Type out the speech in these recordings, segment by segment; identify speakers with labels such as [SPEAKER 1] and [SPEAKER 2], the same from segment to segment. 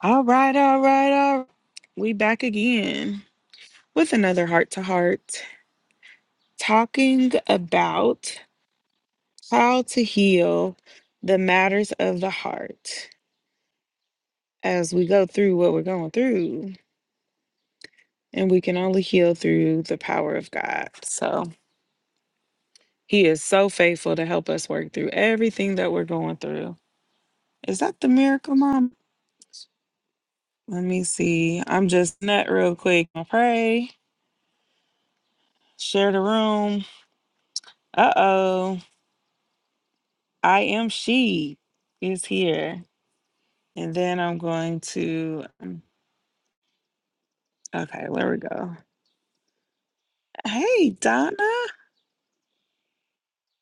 [SPEAKER 1] All right, all right, all right. We back again with another heart to heart talking about how to heal the matters of the heart as we go through what we're going through. And we can only heal through the power of God. So he is so faithful to help us work through everything that we're going through. Is that the miracle, Mom? Let me see. I'm just nut real quick. I pray, share the room. Uh oh. I am she is here. And then I'm going to um, okay, there we go. Hey Donna.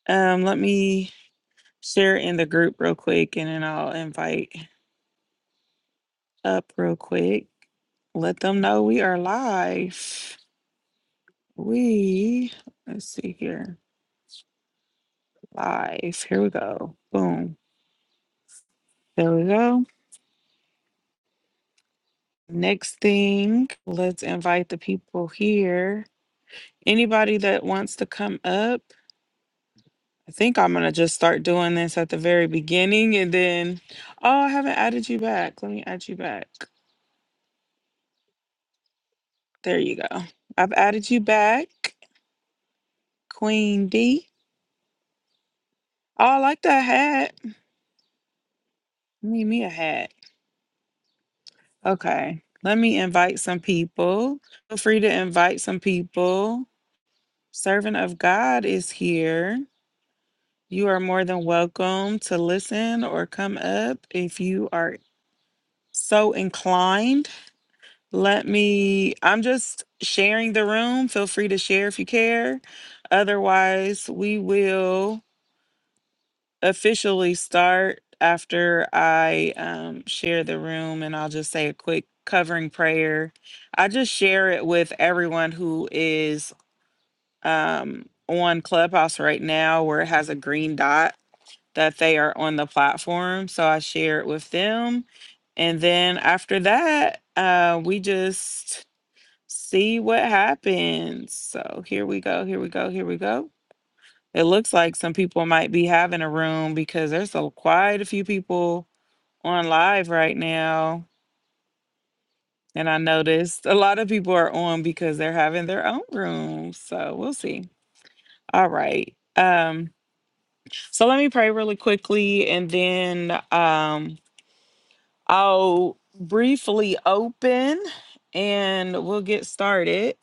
[SPEAKER 1] Um, let me share in the group real quick and then I'll invite up real quick. Let them know we are live. We let's see here. Live. Here we go. Boom. There we go. Next thing, let's invite the people here. Anybody that wants to come up I think I'm gonna just start doing this at the very beginning and then oh I haven't added you back. Let me add you back. There you go. I've added you back, Queen D. Oh, I like that hat. Need me a hat. Okay. Let me invite some people. Feel free to invite some people. Servant of God is here. You are more than welcome to listen or come up if you are so inclined. Let me, I'm just sharing the room. Feel free to share if you care. Otherwise, we will officially start after I um, share the room and I'll just say a quick covering prayer. I just share it with everyone who is um, on Clubhouse right now where it has a green dot that they are on the platform. So I share it with them. And then after that, uh, we just see what happens. So here we go, here we go, here we go. It looks like some people might be having a room because there's a, quite a few people on live right now. And I noticed a lot of people are on because they're having their own rooms. So we'll see. All right. Um, so let me pray really quickly and then um I'll briefly open and we'll get started.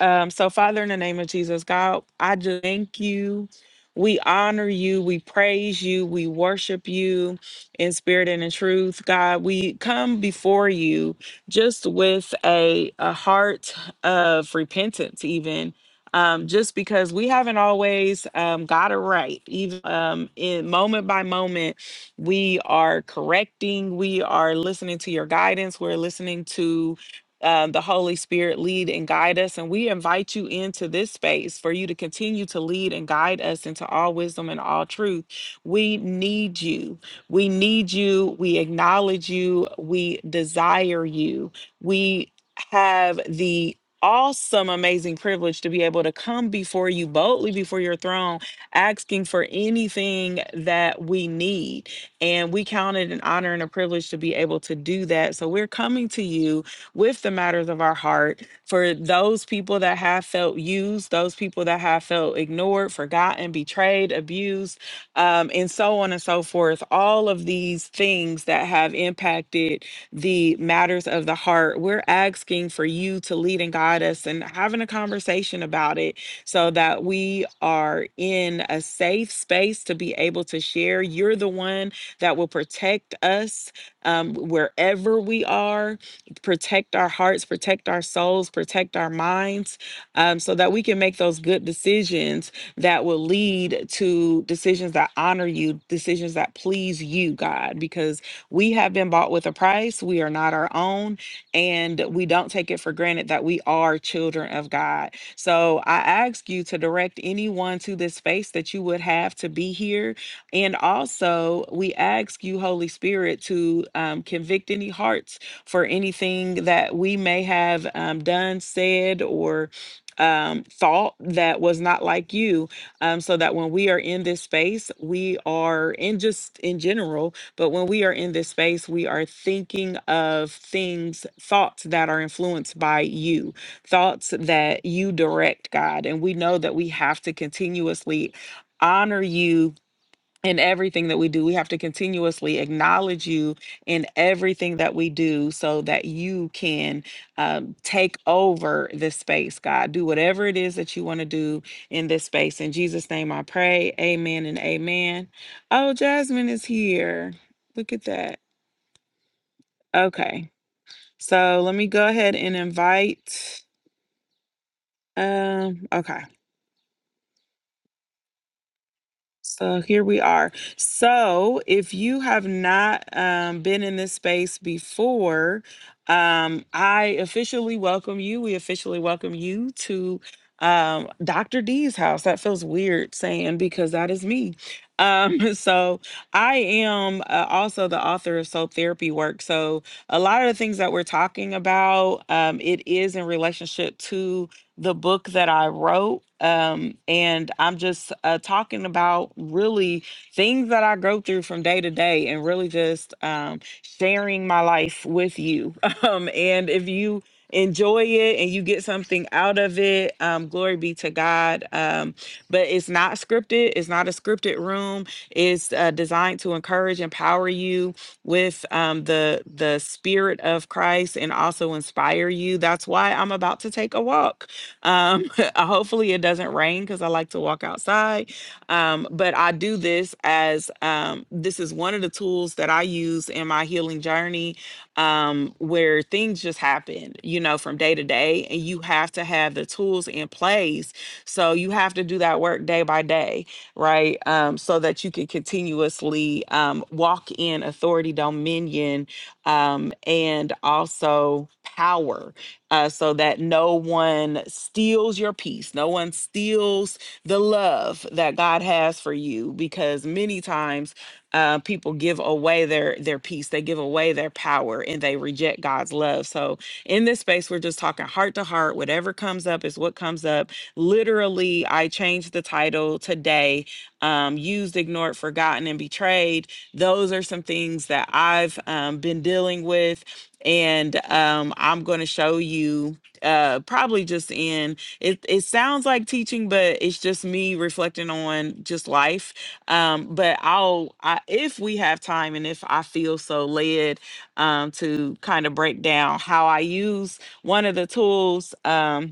[SPEAKER 1] Um, so, Father, in the name of Jesus, God, I just thank you. We honor you. We praise you. We worship you in spirit and in truth. God, we come before you just with a, a heart of repentance, even. Um, just because we haven't always um, got it right, even um, in moment by moment we are correcting. We are listening to your guidance. We're listening to um, the Holy Spirit lead and guide us. And we invite you into this space for you to continue to lead and guide us into all wisdom and all truth. We need you. We need you. We acknowledge you. We desire you. We have the awesome, amazing privilege to be able to come before you boldly before your throne, asking for anything that we need. And we count it an honor and a privilege to be able to do that. So we're coming to you with the matters of our heart for those people that have felt used, those people that have felt ignored, forgotten, betrayed, abused, um, and so on and so forth. All of these things that have impacted the matters of the heart, we're asking for you to lead and guide us and having a conversation about it so that we are in a safe space to be able to share. You're the one that will protect us um, wherever we are, protect our hearts, protect our souls, protect our minds, um, so that we can make those good decisions that will lead to decisions that honor you, decisions that please you, God, because we have been bought with a price. We are not our own, and we don't take it for granted that we are children of God. So I ask you to direct anyone to this space that you would have to be here and also, we ask you, Holy Spirit, to um, convict any hearts for anything that we may have um, done, said, or um, thought that was not like you, um, so that when we are in this space, we are in just in general, but when we are in this space, we are thinking of things, thoughts that are influenced by you, thoughts that you direct, God. And we know that we have to continuously honor you in everything that we do. We have to continuously acknowledge you in everything that we do so that you can um, take over this space, God. Do whatever it is that you want to do in this space. In Jesus' name I pray. Amen and amen. Oh, Jasmine is here. Look at that. Okay. So let me go ahead and invite. Um, okay. So here we are. So if you have not um, been in this space before, um, I officially welcome you. We officially welcome you to um, Dr. D's house. That feels weird saying because that is me. Um, so I am uh, also the author of Soul Therapy Work. So a lot of the things that we're talking about, um, it is in relationship to the book that I wrote. Um, and I'm just uh, talking about really things that I go through from day to day and really just um, sharing my life with you. Um, and if you enjoy it and you get something out of it, um, glory be to God. Um, but it's not scripted, it's not a scripted room. It's uh, designed to encourage, empower you with um, the, the spirit of Christ and also inspire you. That's why I'm about to take a walk um, uh, hopefully it doesn't rain because I like to walk outside. Um, but I do this as um, this is one of the tools that I use in my healing journey um, where things just happen, you know, from day to day. And you have to have the tools in place. So you have to do that work day by day, right? Um, so that you can continuously um, walk in authority, dominion, um, and also power uh, so that no one steals your peace, no one steals the love that God has for you. Because many times uh, people give away their their peace, they give away their power, and they reject God's love. So in this space, we're just talking heart to heart. Whatever comes up is what comes up. Literally, I changed the title today. Um, used, ignored, forgotten, and betrayed. Those are some things that I've um, been dealing with and um, I'm going to show you uh, probably just in it. It sounds like teaching, but it's just me reflecting on just life. Um, but I'll I, if we have time and if I feel so led um, to kind of break down how I use one of the tools. Um,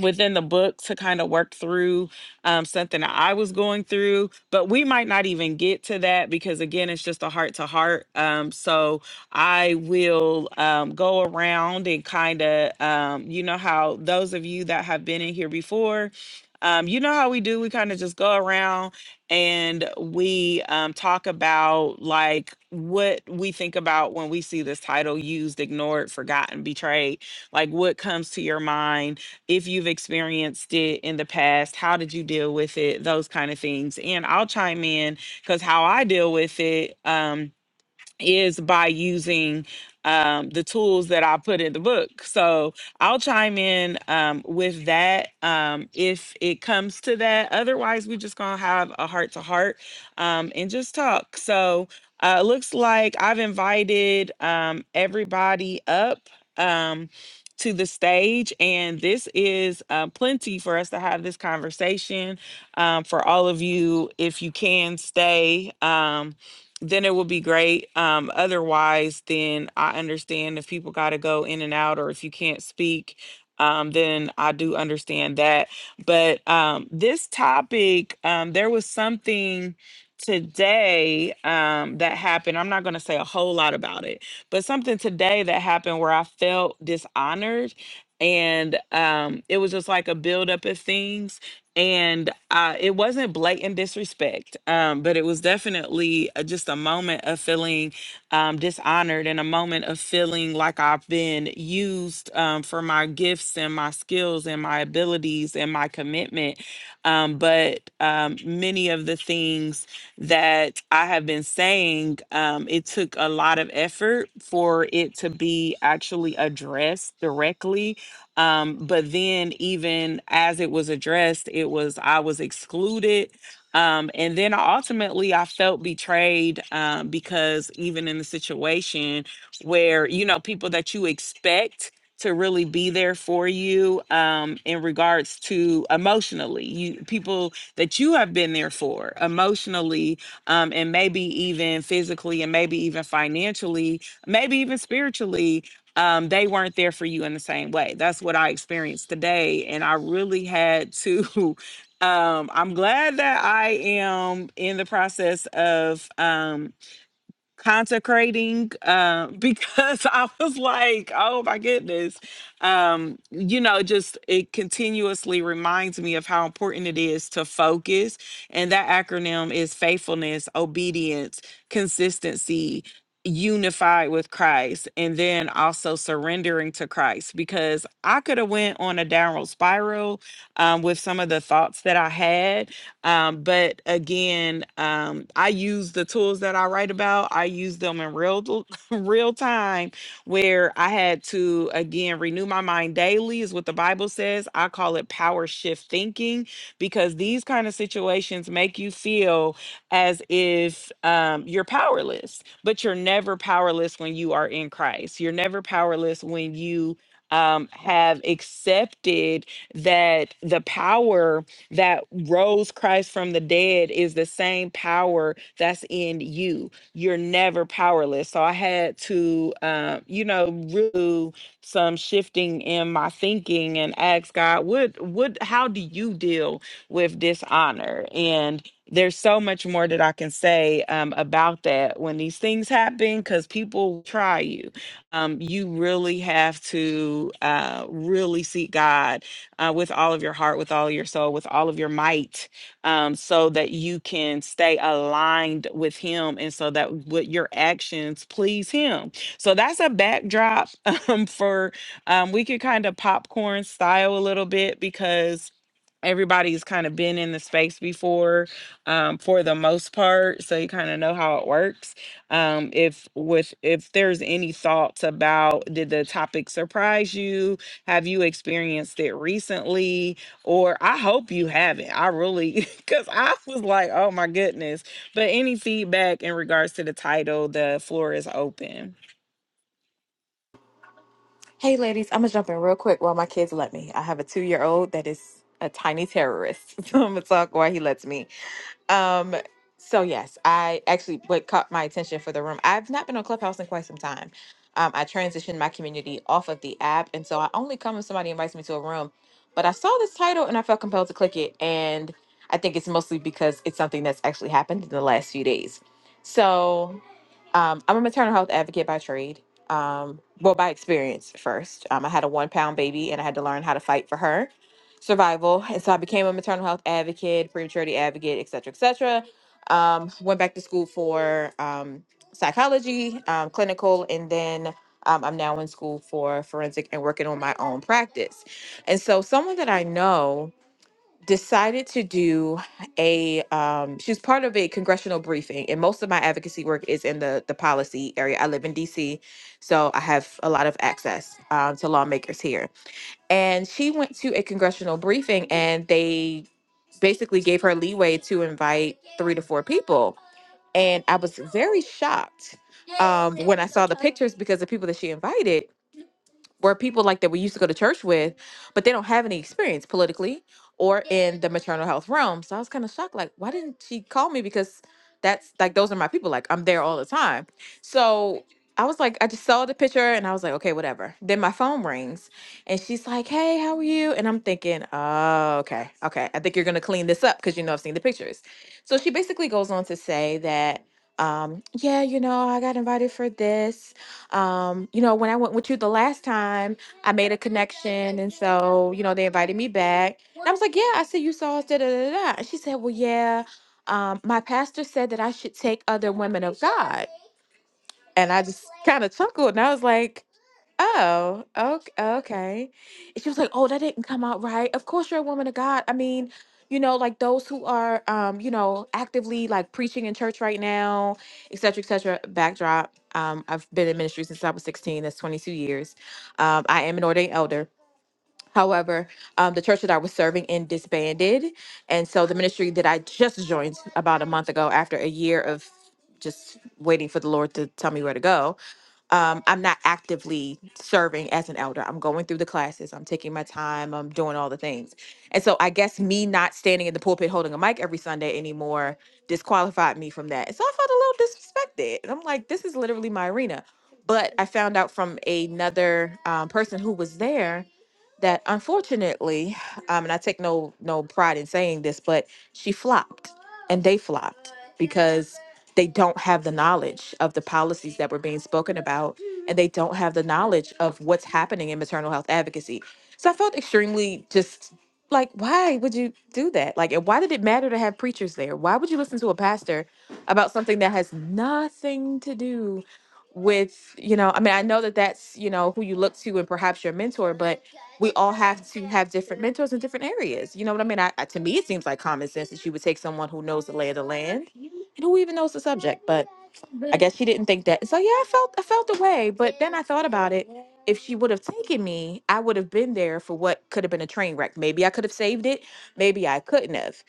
[SPEAKER 1] within the book to kind of work through um, something that I was going through, but we might not even get to that because again, it's just a heart to heart. Um, so I will um, go around and kind of, um, you know, how those of you that have been in here before. Um, you know how we do, we kind of just go around and we um, talk about like what we think about when we see this title used, ignored, forgotten, betrayed. Like what comes to your mind? if you've experienced it in the past, how did you deal with it, those kind of things. And I'll chime in because how I deal with it. Um, is by using um, the tools that I put in the book. So I'll chime in um, with that um, if it comes to that. Otherwise, we're just going to have a heart to heart um, and just talk. So uh, it looks like I've invited um, everybody up. Um, to the stage, and this is uh, plenty for us to have this conversation. Um, for all of you, if you can stay, Um, then it will be great. Um, otherwise, then I understand if people got to go in and out or if you can't speak, um, then I do understand that. But um, this topic, um, there was something today um, that happened. I'm not going to say a whole lot about it, but something today that happened where I felt dishonored. And um, it was just like a buildup of things and uh, it wasn't blatant disrespect, um, but it was definitely uh, just a moment of feeling um, dishonored and a moment of feeling like I've been used um, for my gifts and my skills and my abilities and my commitment. Um, but um, many of the things that I have been saying, um, it took a lot of effort for it to be actually addressed directly um, but then even as it was addressed, it was I was excluded. Um, and then ultimately I felt betrayed um, because even in the situation where, you know, people that you expect to really be there for you um, in regards to emotionally, you people that you have been there for emotionally, um, and maybe even physically, and maybe even financially, maybe even spiritually um, they weren't there for you in the same way. That's what I experienced today. And I really had to. Um, I'm glad that I am in the process of. um, consecrating uh, because I was like, oh my goodness. Um, you know, just it continuously reminds me of how important it is to focus. And that acronym is faithfulness, obedience, consistency. Unified with Christ, and then also surrendering to Christ, because I could have went on a downward spiral um, with some of the thoughts that I had, um, but again, um, I use the tools that I write about. I use them in real real time, where I had to again renew my mind daily, is what the Bible says. I call it power shift thinking because these kind of situations make you feel as if um, you're powerless, but you're never powerless when you are in Christ. You're never powerless when you um, have accepted that the power that rose Christ from the dead is the same power that's in you. You're never powerless. So I had to, uh, you know, really some shifting in my thinking and ask God, what, what, how do you deal with dishonor? And there's so much more that I can say um, about that when these things happen, because people try you. Um, you really have to uh, really seek God uh, with all of your heart, with all your soul, with all of your might, um, so that you can stay aligned with Him and so that what your actions please Him. So that's a backdrop um, for um, we could kind of popcorn style a little bit because everybody's kind of been in the space before um, for the most part so you kind of know how it works um, if with if there's any thoughts about did the topic surprise you have you experienced it recently or i hope you haven't i really because i was like oh my goodness but any feedback in regards to the title the floor is open
[SPEAKER 2] Hey, ladies, I'm gonna jump in real quick while my kids let me. I have a two year old that is a tiny terrorist, so I'm gonna talk while he lets me. Um, so yes, I actually what caught my attention for the room. I've not been on Clubhouse in quite some time. Um, I transitioned my community off of the app, and so I only come if somebody invites me to a room. But I saw this title and I felt compelled to click it, and I think it's mostly because it's something that's actually happened in the last few days. So um, I'm a maternal health advocate by trade. Um, well, by experience first. Um, I had a one pound baby and I had to learn how to fight for her survival. And so I became a maternal health advocate, prematurity advocate, et cetera, et cetera. Um, went back to school for um, psychology, um, clinical, and then um, I'm now in school for forensic and working on my own practice. And so someone that I know decided to do a um she was part of a congressional briefing and most of my advocacy work is in the the policy area i live in dc so i have a lot of access um, to lawmakers here and she went to a congressional briefing and they basically gave her leeway to invite three to four people and i was very shocked um when i saw the pictures because the people that she invited were people like that we used to go to church with, but they don't have any experience politically or in the maternal health realm. So I was kind of shocked, like, why didn't she call me? Because that's like those are my people. Like I'm there all the time. So I was like, I just saw the picture and I was like, okay, whatever. Then my phone rings and she's like, hey, how are you? And I'm thinking, oh, okay, okay. I think you're gonna clean this up because you know I've seen the pictures. So she basically goes on to say that um, yeah, you know, I got invited for this um, you know, when I went with you the last time, I made a connection, and so you know they invited me back. And I was like, yeah, I see you saw us. Da da da da. And she said, well, yeah, um, my pastor said that I should take other women of God, and I just kind of chuckled, and I was like. Oh, okay, okay. And she was like, "Oh, that didn't come out right." Of course, you're a woman of God. I mean, you know, like those who are, um, you know, actively like preaching in church right now, et cetera, et cetera. Backdrop. Um, I've been in ministry since I was 16. That's 22 years. Um, I am an ordained elder. However, um, the church that I was serving in disbanded, and so the ministry that I just joined about a month ago, after a year of just waiting for the Lord to tell me where to go, um, I'm not actively serving as an elder. I'm going through the classes, I'm taking my time, I'm doing all the things. And so I guess me not standing in the pulpit holding a mic every Sunday anymore disqualified me from that. And so I felt a little disrespected. And I'm like, this is literally my arena. But I found out from another um, person who was there that unfortunately, um, and I take no no pride in saying this, but she flopped and they flopped because they don't have the knowledge of the policies that were being spoken about and they don't have the knowledge of what's happening in maternal health advocacy so i felt extremely just like why would you do that like and why did it matter to have preachers there why would you listen to a pastor about something that has nothing to do with you know i mean i know that that's you know who you look to and perhaps your mentor but we all have to have different mentors in different areas you know what i mean I, I to me it seems like common sense that you would take someone who knows the lay of the land who even knows the subject? But I guess she didn't think that. So yeah, I felt I felt the way, but then I thought about it. If she would have taken me, I would have been there for what could have been a train wreck. Maybe I could have saved it, maybe I couldn't have.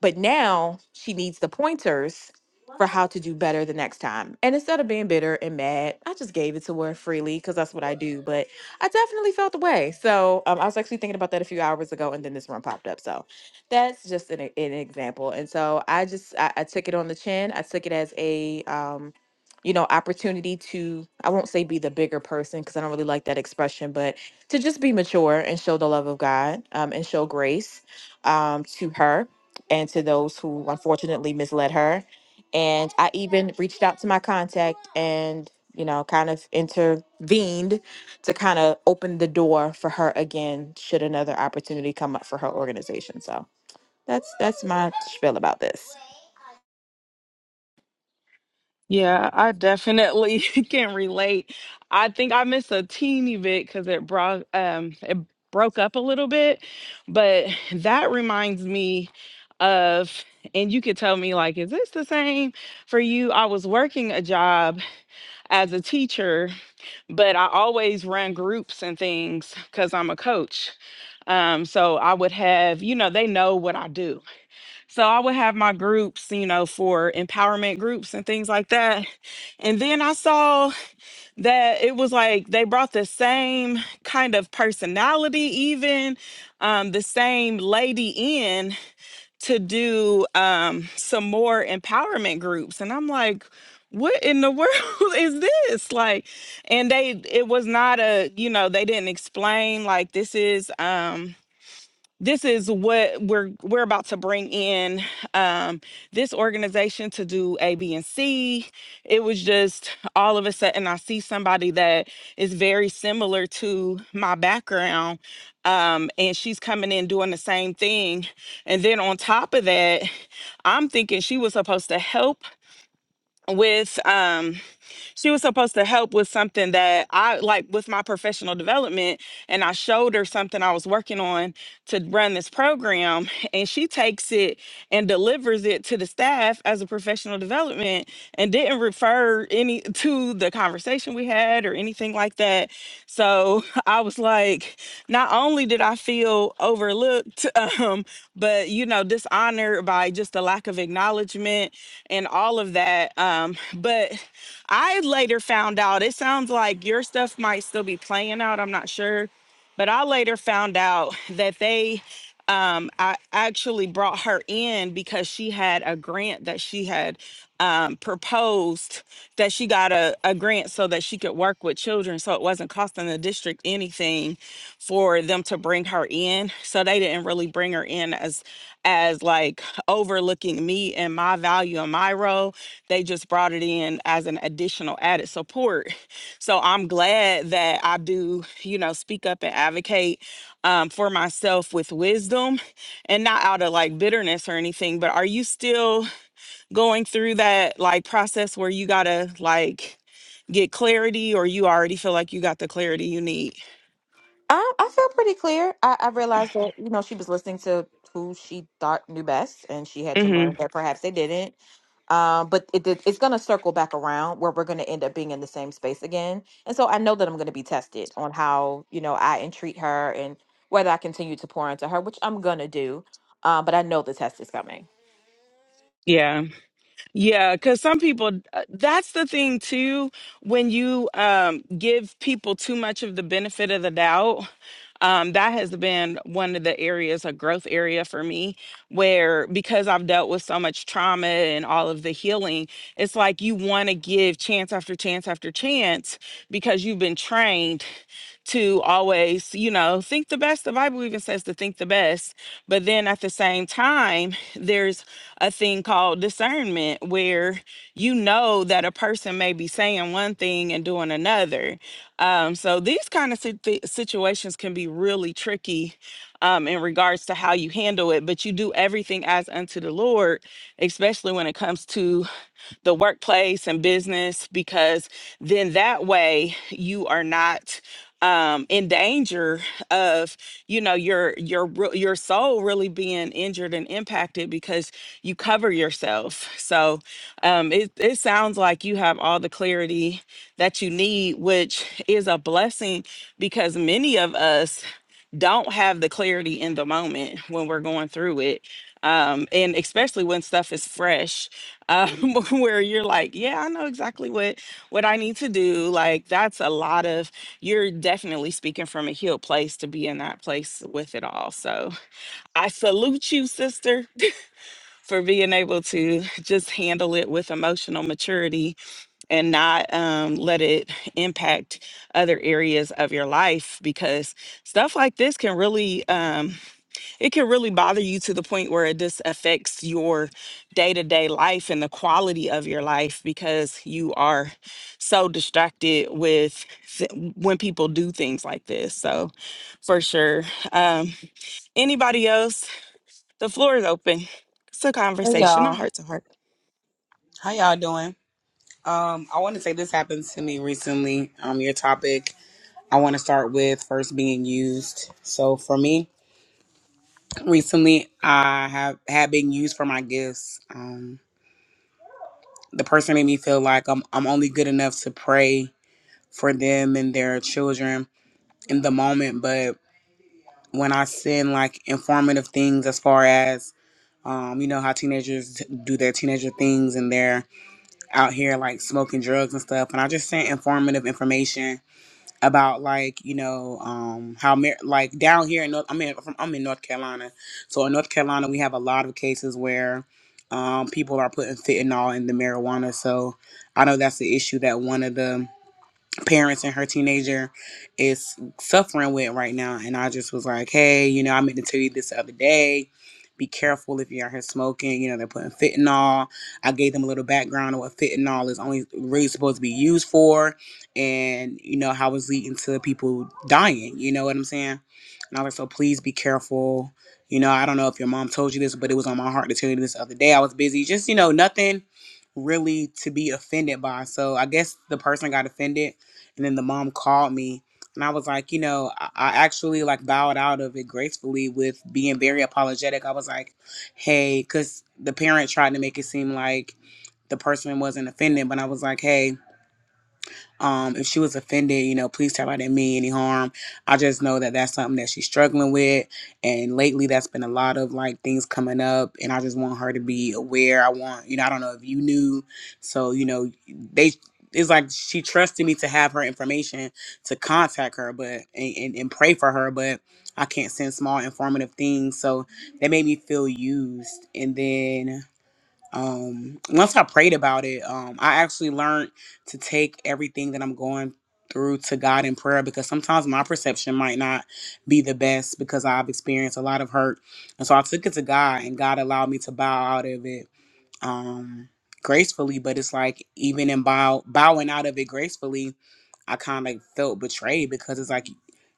[SPEAKER 2] But now she needs the pointers for how to do better the next time. And instead of being bitter and mad, I just gave it to her freely because that's what I do. But I definitely felt the way. So um, I was actually thinking about that a few hours ago, and then this one popped up. So that's just an, an example and so i just I, I took it on the chin i took it as a um you know opportunity to i won't say be the bigger person because i don't really like that expression but to just be mature and show the love of god um, and show grace um, to her and to those who unfortunately misled her and i even reached out to my contact and you know kind of intervened to kind of open the door for her again should another opportunity come up for her organization so that's that's my spiel about this.
[SPEAKER 1] Yeah, I definitely can relate. I think I missed a teeny bit because it brought um it broke up a little bit, but that reminds me of, and you could tell me like, is this the same for you? I was working a job as a teacher, but I always run groups and things because I'm a coach. Um, so I would have, you know, they know what I do. So I would have my groups, you know, for empowerment groups and things like that. And then I saw that it was like they brought the same kind of personality, even um, the same lady in to do um, some more empowerment groups. And I'm like, what in the world is this like and they it was not a you know they didn't explain like this is um this is what we're we're about to bring in um, this organization to do A, B, and C. It was just all of a sudden I see somebody that is very similar to my background, um, and she's coming in doing the same thing. And then on top of that, I'm thinking she was supposed to help with um she was supposed to help with something that I like with my professional development and I showed her something I was working on to run this program and she takes it and delivers it to the staff as a professional development and didn't refer any to the conversation we had or anything like that so i was like not only did i feel overlooked um but you know dishonored by just the lack of acknowledgement and all of that um but i later found out it sounds like your stuff might still be playing out i'm not sure but I later found out that they um, I actually brought her in because she had a grant that she had um, proposed that she got a, a grant so that she could work with children. So it wasn't costing the district anything for them to bring her in so they didn't really bring her in as as like overlooking me and my value and my role they just brought it in as an additional added support so i'm glad that i do you know speak up and advocate um, for myself with wisdom and not out of like bitterness or anything but are you still going through that like process where you gotta like get clarity or you already feel like you got the clarity you need
[SPEAKER 2] I, I feel pretty clear. I, I realized that you know she was listening to who she thought knew best, and she had to
[SPEAKER 1] mm-hmm
[SPEAKER 2] learn that perhaps they didn't. Um, but it did, it's going to circle back around where we're going to end up being in the same space again. And so I know that I'm going to be tested on how you know I entreat her and whether I continue to pour into her, which I'm going to do. Uh, but I know the test is coming.
[SPEAKER 1] yeah Yeah, because some people, uh, that's the thing too. When you um, give people too much of the benefit of the doubt, um, that has been one of the areas, a growth area for me, where because I've dealt with so much trauma and all of the healing, it's like you want to give chance after chance after chance because you've been trained to always, you know, think the best. The Bible even says to think the best. But then at the same time, there's a thing called discernment where you know that a person may be saying one thing and doing another. Um, so these kind of situ- situations can be really tricky um, in regards to how you handle it, but you do everything as unto the Lord, especially when it comes to the workplace and business because then that way you are not um in danger of you know your your re- your soul really being injured and impacted because you cover yourself so um it it sounds like you have all the clarity that you need which is a blessing because many of us don't have the clarity in the moment when we're going through it um and especially when stuff is fresh um, where you're like, yeah, I know exactly what what I need to do. Like that's a lot of you're definitely speaking from a healed place to be in that place with it all. So I salute you, sister, for being able to just handle it with emotional maturity and not um, let it impact other areas of your life because stuff like this can really um, it can really bother you to the point where it just affects your day-to-day life and the quality of your life because you are so distracted with th- when people do things like this so for sure um, anybody else the floor is open it's a
[SPEAKER 3] Hey
[SPEAKER 1] conversation a
[SPEAKER 3] y'all,
[SPEAKER 1] heart to heart
[SPEAKER 3] how y'all doing? Um, I want to say this happened to me recently. Um, your topic. I want to start with first being used. So for me, recently I have had been used for my gifts. Um, the person made me feel like I'm I'm only good enough to pray for them and their children in the moment, but when I send like informative things as far as um, you know how teenagers do their teenager things and their out here like smoking drugs and stuff and i just sent informative information about like you know um how mar- like down here in north i mean from i'm in north carolina so in north carolina we have a lot of cases where um people are putting fentanyl in the marijuana so i know that's the issue that one of the parents and her teenager is suffering with right now. And I just was like, hey, you know, I meant to tell you this the other day. Be careful if you're out here smoking. You know, they're putting fentanyl. I gave them a little background on what fentanyl is only really supposed to be used for and, you know, how it's leading to people dying. You know what I'm saying? And I was like, so please be careful. You know, I don't know if your mom told you this, but it was on my heart to tell you this the other day. I was busy. Just, you know, nothing really to be offended by. So I guess the person got offended and then the mom called me and i was like you know i, I actually like bowed out of it gracefully with being very apologetic i was like hey because the parent tried to make it seem like the person wasn't offended but i was like hey um, if she was offended, you know, please tell her I didn't mean any harm. I just know that that's something that she's struggling with, and lately that's been a lot of like things coming up, and I just want her to be aware. I want, you know, I don't know if you knew, so you know, they it's like she trusted me to have her information to contact her, but and, and, and pray for her, but I can't send small informative things, so that made me feel used, and then um once i prayed about it um i actually learned to take everything that i'm going through to god in prayer because sometimes my perception might not be the best because i've experienced a lot of hurt and so i took it to god and god allowed me to bow out of it um gracefully but it's like even in bow bowing out of it gracefully I kind of felt betrayed because it's like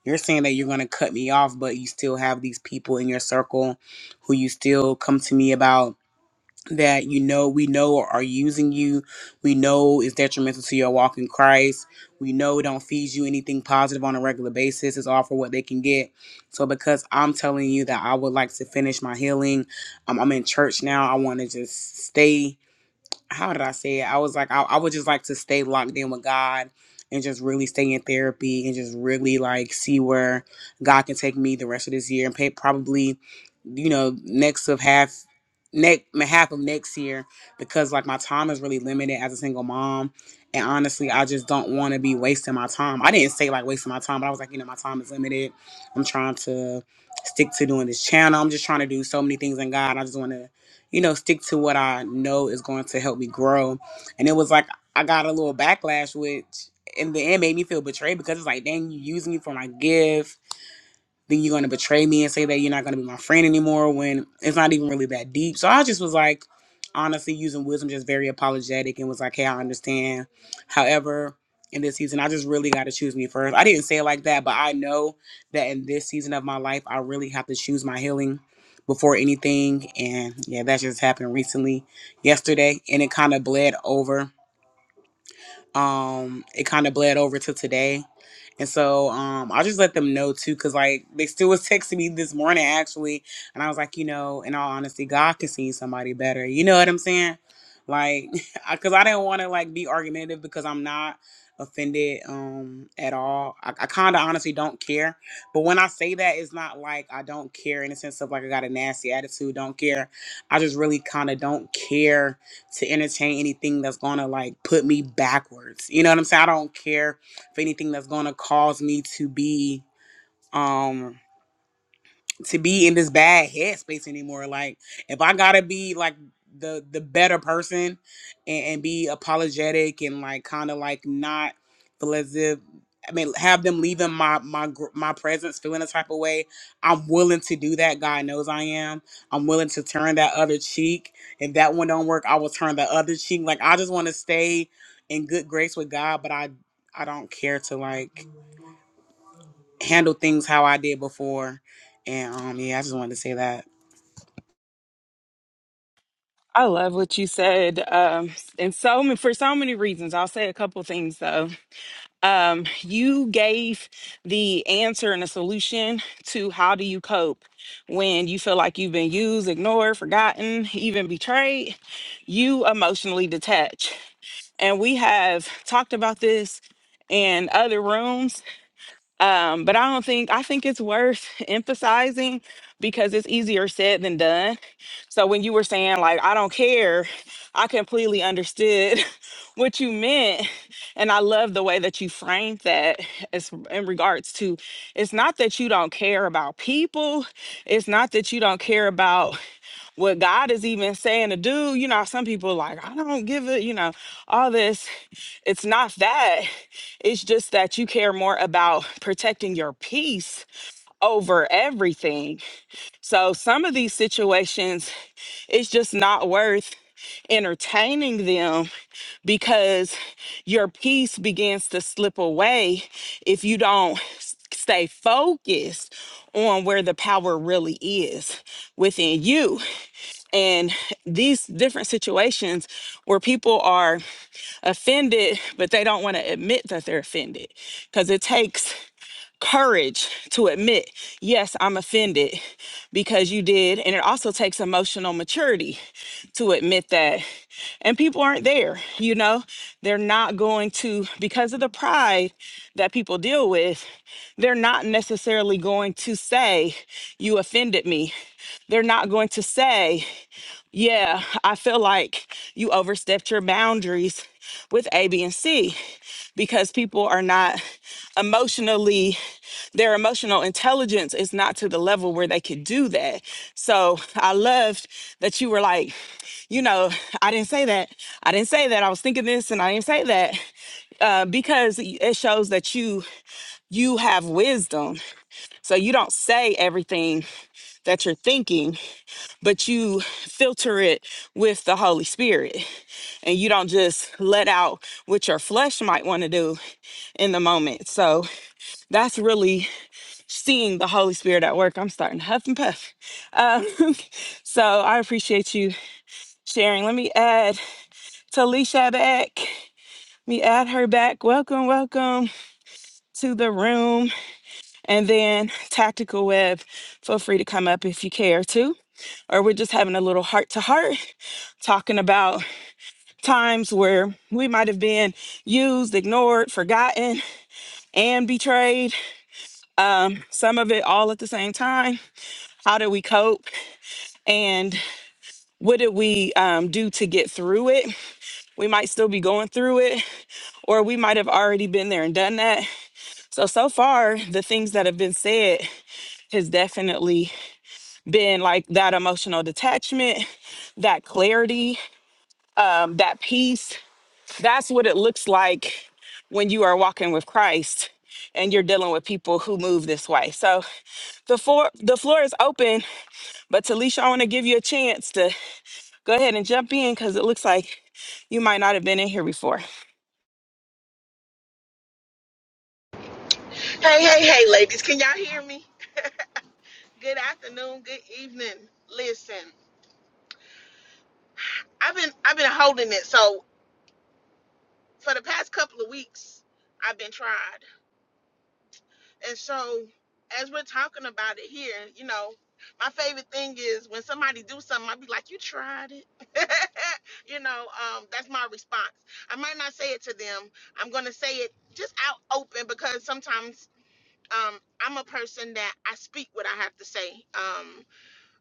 [SPEAKER 3] you're saying that you're going to cut me off, but you still have these people in your circle who you still come to me about that you know we know are using you we know is detrimental to your walk in christ we know don't feed you anything positive on a regular basis is all for what they can get so because i'm telling you that i would like to finish my healing um, i'm in church now i want to just stay how did I say it? I was like, I, I would just like to stay locked in with God and just really stay in therapy and just really like see where God can take me the rest of this year and pay probably, you know, next of half next half of next year because like my time is really limited as a single mom and honestly i just don't want to be wasting my time i didn't say like wasting my time but i was like you know my time is limited i'm trying to stick to doing this channel i'm just trying to do so many things in god i just want to you know, stick to what I know is going to help me grow. And it was like I got a little backlash, which in the end made me feel betrayed because it's like, dang, you using me for my gift then you're going to betray me and say that you're not going to be my friend anymore when it's not even really that deep. So I just was like, honestly, using wisdom, just very apologetic and was like, hey, I understand. However, in this season, I just really got to choose me first. I didn't say it like that, but I know that in this season of my life, I really have to choose my healing before anything. And yeah, that just happened recently yesterday and it kind of bled over um it kind of bled over to today and so um i just let them know too because like they still was texting me this morning actually and i was like you know in all honesty god can see somebody better you know what i'm saying like because i didn't want to like be argumentative because i'm not offended um at all i, I kind of honestly don't care but when i say that it's not like i don't care in the sense of like i got a nasty attitude don't care i just really kind of don't care to entertain anything that's gonna like put me backwards. You know what I'm saying? I don't care for anything that's gonna cause me to be um, to be in this bad headspace anymore. Like if I gotta be like the the better person and, and be apologetic and like kind of like not feel as if I mean have them leaving my my gr- my presence feeling a type of way. I'm willing to do that. God knows I am. I'm willing to turn that other cheek. If that one don't work, I will turn the other cheek. Like I just want to stay in good grace with God, but I I don't care to like handle things how I did before. And um, yeah, I just wanted to say that.
[SPEAKER 1] I love what you said, um, and so ma- for so many reasons. I'll say a couple things though. Um, you gave the answer and a solution to how do you cope when you feel like you've been used, ignored, forgotten, even betrayed. You emotionally detach, and we have talked about this in other rooms um, but I don't think I think it's worth emphasizing because it's easier said than done. So when you were saying like I don't care, I completely understood what you meant, and I love the way that you framed that as in regards to it's not that you don't care about people, it's not that you don't care about what God is even saying to do. You know, some people like, I don't give it, you know, all this. It's not that. It's just that you care more about protecting your peace over everything. So some of these situations, it's just not worth entertaining them because your peace begins to slip away if you don't s- stay focused on where the power really is within you and these different situations where people are offended but they don't want to admit that they're offended because it takes courage to admit yes i'm offended because you did and it also takes emotional maturity to admit that and people aren't there you know they're not going to because of the pride that people deal with they're not necessarily going to say you offended me they're not going to say yeah, I feel like you overstepped your boundaries with A, B, and C because people are not emotionally, their emotional intelligence is not to the level where they could do that. So I loved that you were like, you know, I didn't say that. I didn't say that. I was thinking this and I didn't say that uh, because it shows that you you have wisdom. So you don't say everything that you're thinking but you filter it with the Holy Spirit and you don't just let out what your flesh might want to do in the moment. So that's really seeing the Holy Spirit at work. I'm starting to huff and puff. Um, so I appreciate you sharing. Let me add Talisha back. Let me add her back. Welcome, welcome to the room. And then Tactical Web, feel free to come up if you care to. Or we're just having a little heart to heart talking about times where we might have been used, ignored, forgotten, and betrayed. Um, some of it all at the same time. How did we cope? And what did we um, do to get through it? We might still be going through it, or we might have already been there and done that. So, so far, the things that have been said has definitely been like that emotional detachment, that clarity, um, that peace That's what it looks like when you are walking with Christ and you're dealing with people who move this way. So the floor the floor is open, but Talisha, I want to give you a chance to go ahead and jump in because it looks like you might not have been in here before.
[SPEAKER 4] Hey, hey, hey, ladies, can y'all hear me? Good afternoon, good evening. Listen, I've been out for weeks. I've been tried. And so as we're talking about it here, you know, my favorite thing is when somebody do something, i be like, you tried it. you know, um, that's my response. I might not say it to them. I'm gonna say it just out open because sometimes um I'm a person that I speak what I have to say. Um,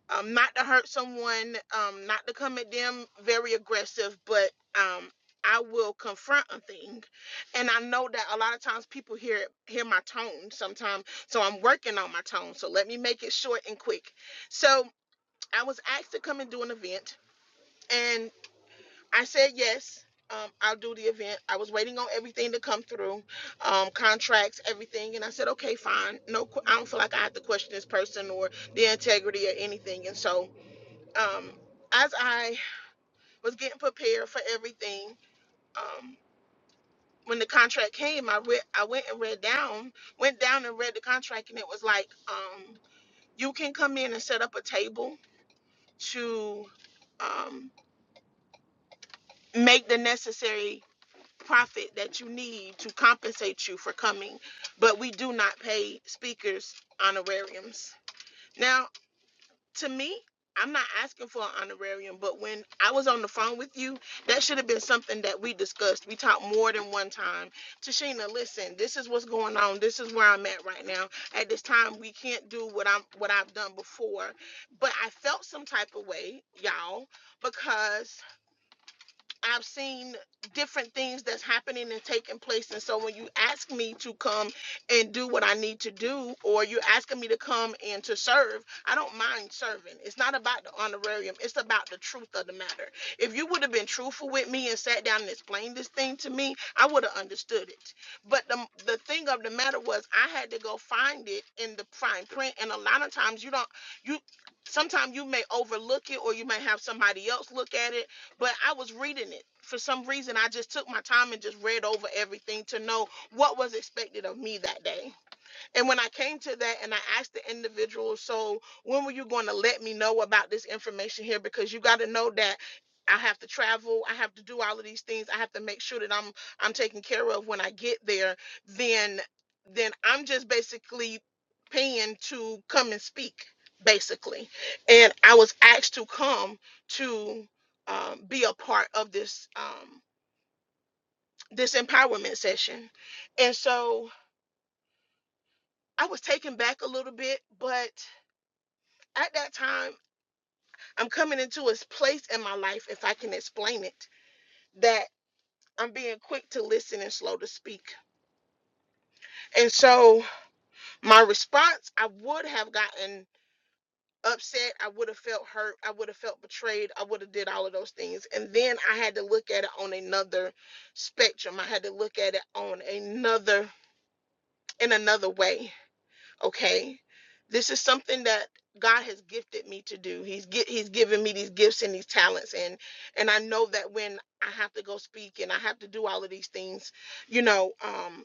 [SPEAKER 4] um, not to hurt someone, um, not to come at them very aggressive, but um, I will confront a thing. And I know that a lot of times people hear hear my tone sometimes, so I'm working on my tone. So let me make it short and quick. So I was asked to come and do an event, and I said yes. Um, I'll do the event. I was waiting on everything to come through, um, contracts, everything, and I said, okay, fine. No, que- I don't feel like I have to question this person or the integrity or anything. And so um, as I was getting prepared for everything, um, when the contract came, I read, I went and read down, went down and read the contract, and it was like, um, you can come in and set up a table to um, make the necessary profit that you need to compensate you for coming, but we do not pay speakers honorariums. now. to me, I'm not asking for an honorarium, but when I was on the phone with you, that should have been something that we discussed. We talked more than one time. Tashina, listen, this is what's going on. This is where I'm at right now. At this time, we can't do what I'm what I've done before. But I felt some type of way, y'all, because I've seen different things that's happening and taking place. And so when you ask me to come and do what I need to do, or you're asking me to come and to serve, I don't mind serving. It's not about the honorarium, it's about the truth of the matter. If you would have been truthful with me and sat down and explained this thing to me, I would have understood it. But the, the thing of the matter was, I had to go find it in the fine print. And a lot of times, you don't, you, sometimes you may overlook it or you may have somebody else look at it but I was reading it. For some reason, I just took my time and just read over everything to know what was expected of me that day and when I came to that and I asked the individual, so when were you going to let me know about this information here? Because you got to know that I have to travel, I have to do all of these things, I have to make sure that I'm I'm taken care of when I get there, then then I'm just basically paying to come and speak, basically. And I was asked to come to um, be a part of this um, this empowerment session. And so I was taken back a little bit, but at that time, I'm coming into a place in my life, if I can explain it, that I'm being quick to listen and slow to speak. And so my response, I would have gotten upset. I would have felt hurt. I would have felt betrayed. I would have did all of those things. And then I had to look at it on another spectrum. I had to look at it on another in another way. okay this is something that god has gifted me to do he's gi- he's given me these gifts and these talents and and i know that when i have to go speak and i have to do all of these things you know um,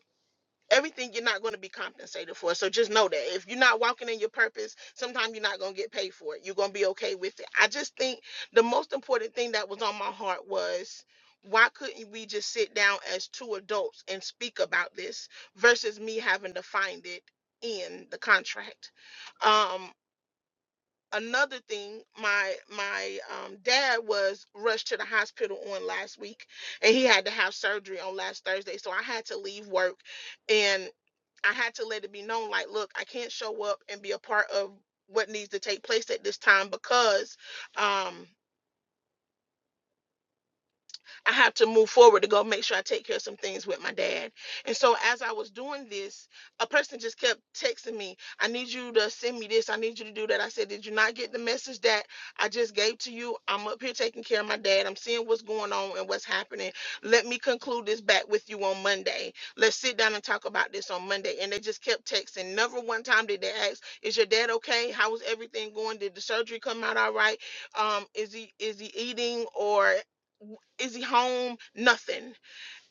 [SPEAKER 4] everything you're not going to be compensated for. So just know that if you're not walking in your purpose, sometimes you're not going to get paid for it. You're going to be okay with it. I just think the most important thing that was on my heart was why couldn't we just sit down as two adults and speak about this versus me having to find it in the contract? Um, another thing, my my um, dad was rushed to the hospital on last week, and he had to have surgery on last Thursday, so I had to leave work and. I had to let it be known like, look, I can't show up and be a part of what needs to take place at this time because um I have to move forward to go make sure I take care of some things with my dad. And so as I was doing this, a person just kept texting me, I need you to send me this. I need you to do that. I said, Did you not get the message that I just gave to you? I'm up here taking care of my dad. I'm seeing what's going on and what's happening. Let me conclude this back with you on Monday. Let's sit down and talk about this on Monday. And they just kept texting. Never one time did they ask, Is your dad okay? How was everything going? Did the surgery come out all right? Um, is he is he eating or is he home? Nothing.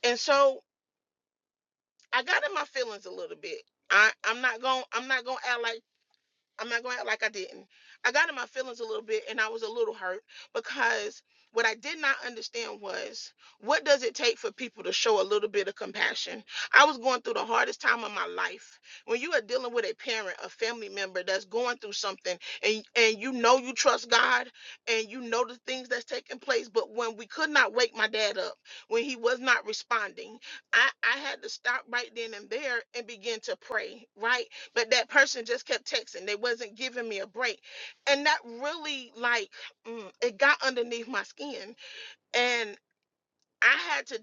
[SPEAKER 4] And so I got in my feelings a little bit. I, I'm not gonna I'm not gonna act like I'm not going to act like I didn't. I got in my feelings a little bit and I was a little hurt because what I did not understand was what does it take for people to show a little bit of compassion? I was going through the hardest time of my life. When you are dealing with a parent, a family member that's going through something and and you know you trust God and you know the things that's taking place, but when we could not wake my dad up, when he was not responding, I, I had to stop right then and there and begin to pray, right? but that person just kept texting they wasn't giving me a break and that really like mm, it got underneath my skin and i had to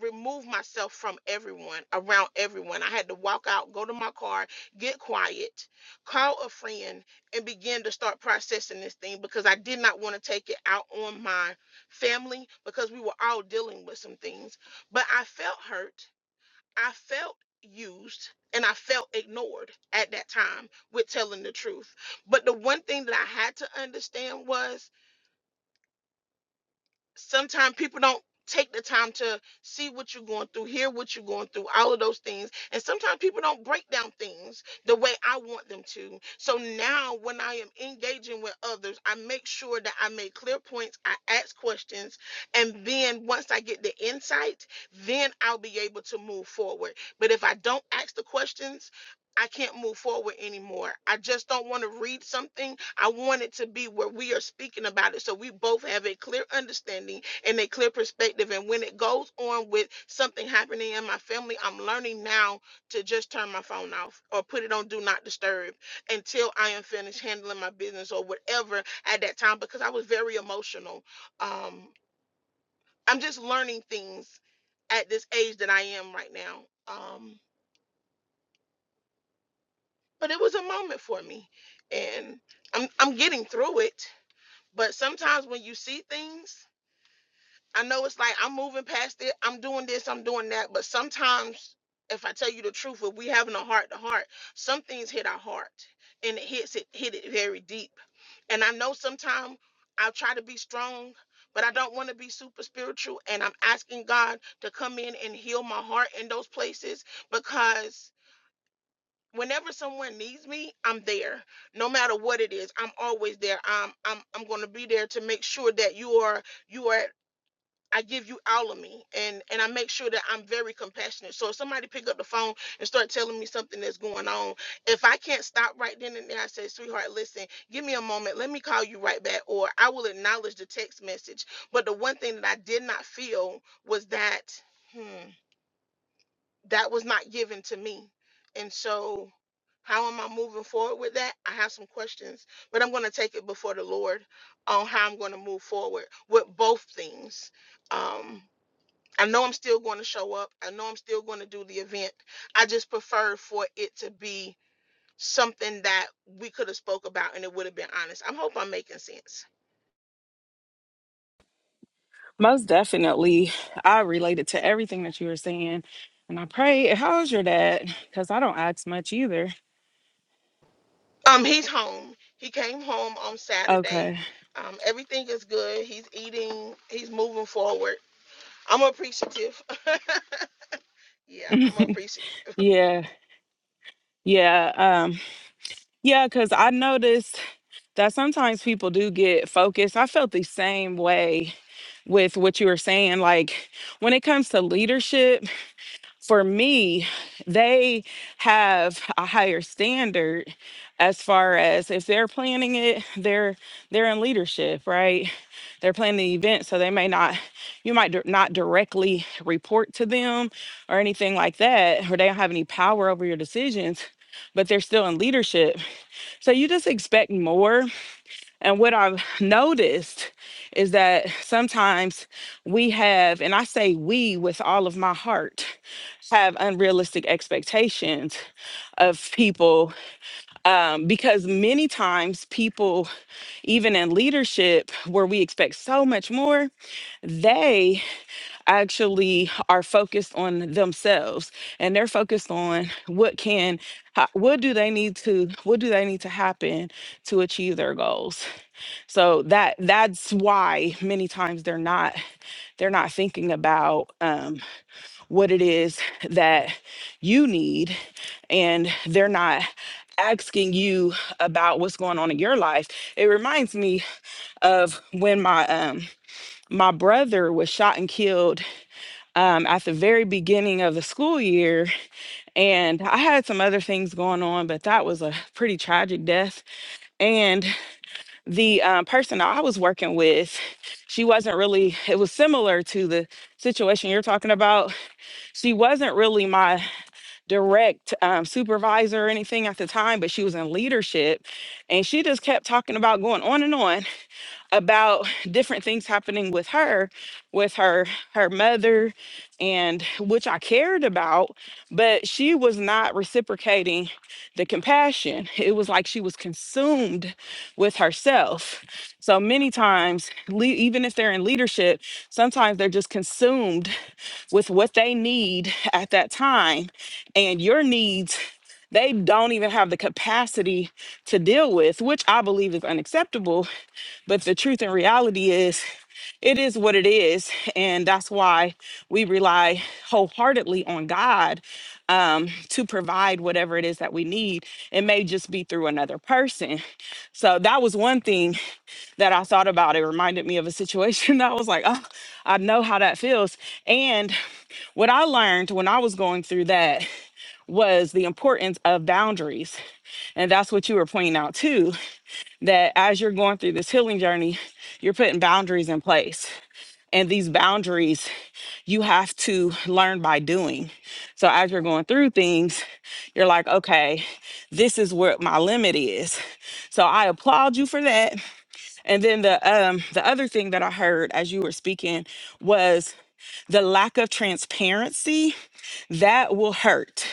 [SPEAKER 4] remove myself from everyone around everyone i had to walk out go to my car get quiet call a friend and begin to start processing this thing because i did not want to take it out on my family because we were all dealing with some things but i felt hurt I felt used and I felt ignored at that time with telling the truth. But the one thing that I had to understand was sometimes people don't take the time to see what you're going through, hear what you're going through, all of those things. And sometimes people don't break down things the way I want them to. So now when I am engaging with others, I make sure that I make clear points, I ask questions, and then once I get the insight, then I'll be able to move forward. But if I don't ask the questions, I can't move forward anymore. I just don't want to read something I want it to be where we are speaking about it so we both have a clear understanding and a clear perspective. And when it goes on with something happening in my family, I'm learning now to just turn my phone off or put it on do not disturb until I am finished handling my business or whatever at that time because I was very emotional. Um, I'm just learning things at this age that I am right now. Um, but it was a moment for me and I'm I'm getting through it But sometimes when you see things, I know it's like I'm moving past it, I'm doing this, I'm doing that. But sometimes, if I tell you the truth, if we having a heart to heart, some things hit our heart and it hits it hit it very deep. And I know sometimes I'll try to be strong, but I don't want to be super spiritual. And I'm asking God to come in and heal my heart in those places because whenever someone needs me, I'm there. No matter what it is, I'm always there. I'm I'm I'm going to be there to make sure that you are you are I give you all of me and and I make sure that I'm very compassionate. So if somebody pick up the phone and start telling me something that's going on, if I can't stop right then and there, I say, "Sweetheart, listen, give me a moment. Let me call you right back or I will acknowledge the text message." But the one thing that I did not feel was that hmm that was not given to me. And so, how am I moving forward with that? I have some questions, but I'm going to take it before the Lord on how I'm going to move forward with both things. Um, I know I'm still going to show up, I know I'm still going to do the event. I just prefer for it to be something that we could have spoke about and it would have been honest. I hope I'm making sense.
[SPEAKER 1] Most definitely, I related to everything that you were saying. And I pray, how's your dad? Because I don't ask much either.
[SPEAKER 4] Um, he's home. He came home on Saturday.
[SPEAKER 1] Okay.
[SPEAKER 4] Um, everything is good. He's eating. He's moving forward I'm appreciative. yeah, I'm appreciative.
[SPEAKER 1] Yeah. Yeah. Um, yeah, because I noticed that sometimes people do get focused. I felt the same way with what you were saying. Like when it comes to leadership, for me, they have a higher standard as far as if they're planning it, they're they're in leadership, right? They're planning the event, so they may not you might dir- not directly report to them or anything like that, or they don't have any power over your decisions, but they're still in leadership. So you just expect more and what I've noticed is that sometimes we have, and I say we with all of my heart, have unrealistic expectations of people um, because many times people, even in leadership where we expect so much more, they actually are focused on themselves and they're focused on what can, how, what do they need to, what do they need to happen to achieve their goals so that that's why many times they're not they're not thinking about um, what it is that you need and they're not asking you about what's going on in your life it reminds me of when my um my brother was shot and killed um, at the very beginning of the school year and i had some other things going on but that was a pretty tragic death and. the um, person I was working with, she wasn't really, it was similar to the situation you're talking about. She wasn't really my direct um, supervisor or anything at the time, but she was in leadership. And she just kept talking about going on and on about different things happening with her with her her mother and which I cared about but she was not reciprocating the compassion it was like she was consumed with herself so many times le- even if they're in leadership sometimes they're just consumed with what they need at that time and your needs they don't even have the capacity to deal with which i believe is unacceptable but the truth and reality is it is what it is and that's why we rely wholeheartedly on god um, to provide whatever it is that we need it may just be through another person so that was one thing that I thought about. It reminded me of a situation that I was like, oh, I know how that feels. And what I learned when I was going through that was the importance of boundaries. And that's what you were pointing out too, that as you're going through this healing journey, you're putting boundaries in place. And these boundaries you have to learn by doing. So as you're going through things, you're like, okay, this is what my limit is. So I applaud you for that and then the um the other thing that I heard as you were speaking was the lack of transparency that will hurt.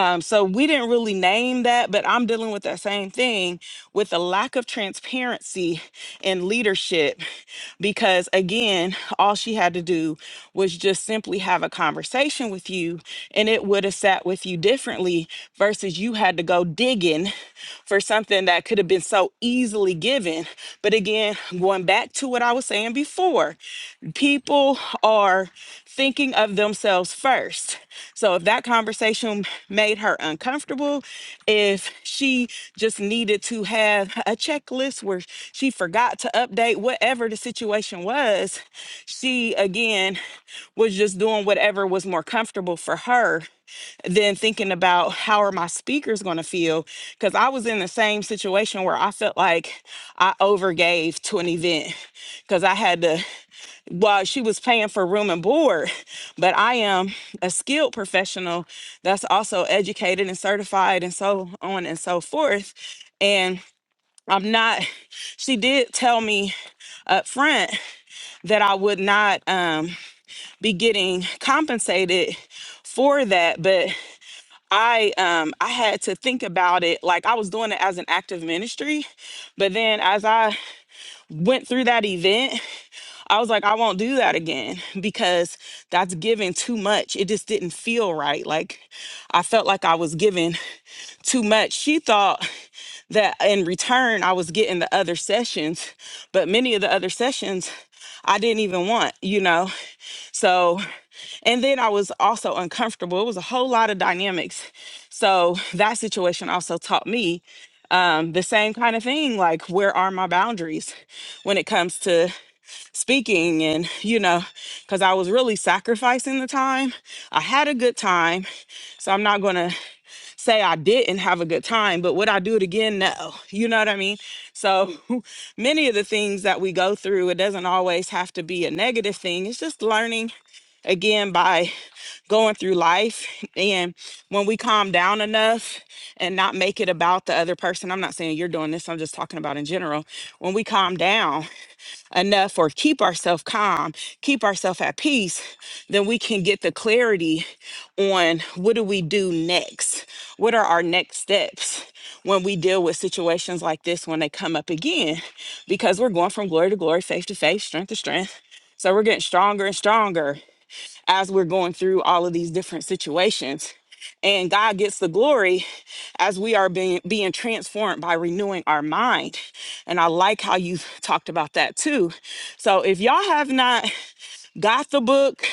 [SPEAKER 1] Um, so we didn't really name that, but I'm dealing with that same thing with the lack of transparency in leadership because again, all she had to do was just simply have a conversation with you and it would have sat with you differently versus you had to go digging for something that could have been so easily given. But again, going back to what I was saying before, people are thinking of themselves first. So if that conversation made her uncomfortable, if she just needed to have a checklist where she forgot to update whatever the situation was, she again was just doing whatever was more comfortable for her than thinking about how are my speakers going to feel because i was in the same situation where i felt like i overgave to an event because i had to while she was paying for room and board. But I am a skilled professional that's also educated and certified and so on and so forth. And I'm not, she did tell me up front that I would not um, be getting compensated for that. But I um, I had to think about it. Like I was doing it as an active ministry. But then as I went through that event, I was like, I won't do that again because that's giving too much. It just didn't feel right. Like I felt like I was giving too much. She thought that in return I was getting the other sessions, but many of the other sessions I didn't even want, you know? So, and then I was also uncomfortable. It was a whole lot of dynamics. So that situation also taught me um, the same kind of thing like, where are my boundaries when it comes to speaking and you know because i was really sacrificing the time i had a good time so i'm not gonna say i didn't have a good time but would i do it again no you know what i mean so many of the things that we go through it doesn't always have to be a negative thing it's just learning again by going through life and when we calm down enough and not make it about the other person i'm not saying you're doing this i'm just talking about in general when we calm down enough or keep ourselves calm, keep ourselves at peace, then we can get the clarity on what do we do next? What are our next steps when we deal with situations like this when they come up again? Because we're going from glory to glory, faith to faith, strength to strength. So we're getting stronger and stronger as we're going through all of these different situations. And God gets the glory as we are being, being transformed by renewing our mind. And I like how you talked about that too. So if y'all have not got the book,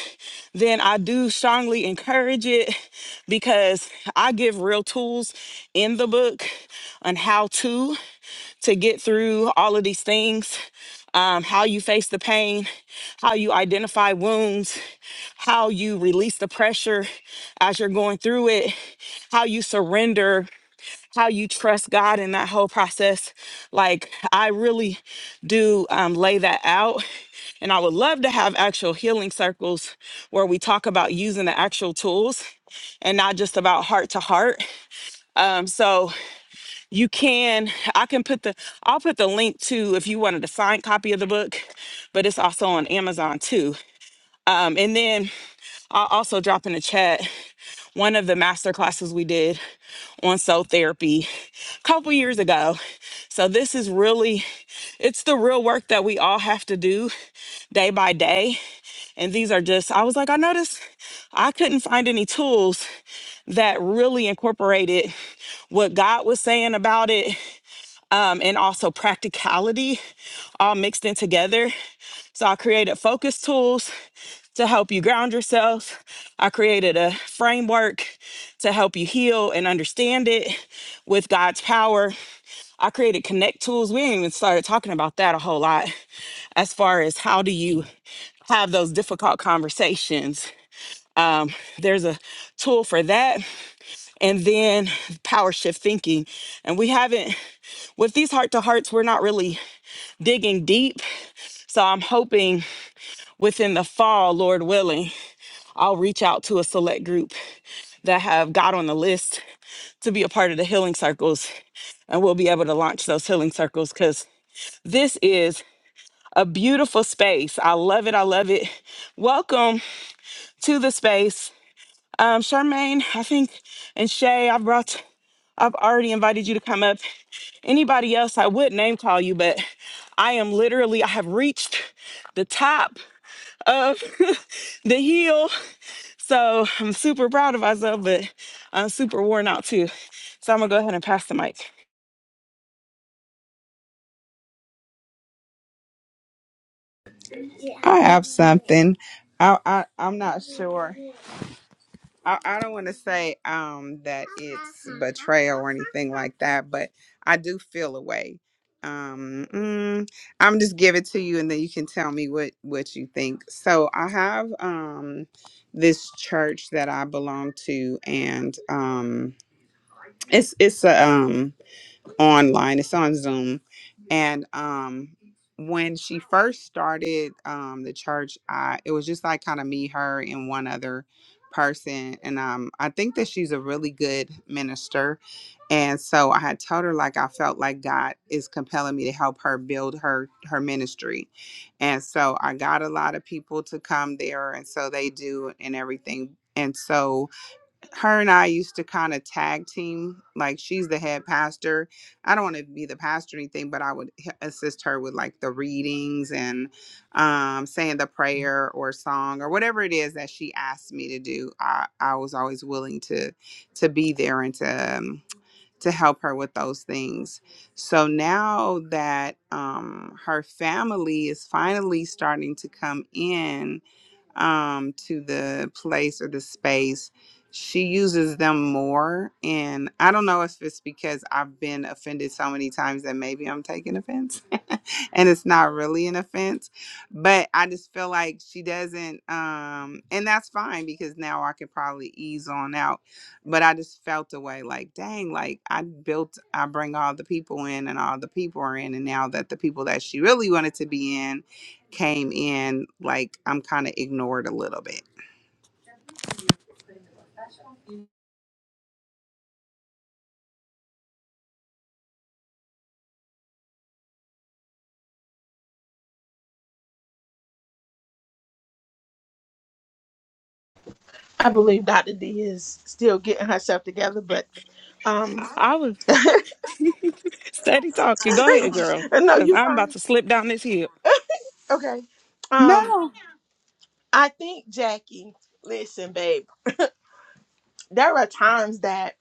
[SPEAKER 1] then I do strongly encourage it because I give real tools in the book on how to to get through all of these things um, how you face the pain, how you identify wounds, how you release the pressure as you're going through it, how you surrender, how you trust God in that whole process. Like, I really do um, lay that out. And I would love to have actual healing circles where we talk about using the actual tools and not just about heart to heart. Um, so you can, I can put the, I'll put the link to if you wanted a signed copy of the book, but it's also on Amazon too. Um, and then I'll also drop in the chat one of the master classes we did on soul therapy a couple years ago. So this is really it's the real work that we all have to do day by day. And these are just I was like, I noticed I couldn't find any tools that really incorporated what God was saying about it um, and also practicality all mixed in together. So I created focus tools to help you ground yourself. I created a framework to help you heal and understand it with God's power. I created connect tools. We ain't even started talking about that a whole lot as far as how do you have those difficult conversations. There's a tool for that. And then power shift thinking. And we haven't, with these heart to hearts, we're not really digging deep. So I'm hoping within the fall, Lord willing, I'll reach out to a select group that have got on the list to be a part of the healing circles. And we'll be able to launch those healing circles because this is a beautiful space. I love it. I love it. Welcome to the space. Um, Charmaine, I think, and Shay, I brought, I've already invited you to come up. Anybody else, I would name call you, but I am literally, I have reached the top of the hill So I'm super proud of myself, but I'm super worn out too. So I'm gonna go ahead and pass the mic.
[SPEAKER 5] I have something. I, I I'm not sure. I, I don't want to say um that it's betrayal or anything like that, but I do feel a way. Um, mm, I'm just give it to you, and then you can tell me what what you think. So I have um this church that I belong to, and um it's it's a um online. It's on Zoom. And um when she first started um the church, I it was just like kind of me, her, and one other person. And um I think that she's a really good minister. And so I had told her like I felt like God is compelling me to help her build her her ministry. And so I got a lot of people to come there and so they do and everything. And so her and I used to kind of tag team. Like she's the head pastor. I don't want to be the pastor or anything, but I would h- assist her with like the readings and um, saying the prayer or song or whatever it is that she asked me to do. I, I was always willing to to be there and to um, to help her with those things. So now that um, her family is finally starting to come in um, to the place or the space, she uses them more. And I don't know if it's because I've been offended so many times that maybe I'm taking offense and it's not really an offense. But I just feel like she doesn't, um, and that's fine because now I could probably ease on out. But I just felt the way like, dang, like I built, I bring all the people in and all the people are in. And now that the people that she really wanted to be in, came in like I'm kind of ignored a little bit.
[SPEAKER 4] I believe Dr. D is still getting herself together, but um
[SPEAKER 1] I was steady talking. Go ahead, girl,
[SPEAKER 4] no,
[SPEAKER 1] because
[SPEAKER 4] you
[SPEAKER 1] I'm about
[SPEAKER 4] fine.
[SPEAKER 1] to slip down this hill.
[SPEAKER 4] Okay. Um
[SPEAKER 5] No.
[SPEAKER 4] I think Jackie, listen, babe, there are times that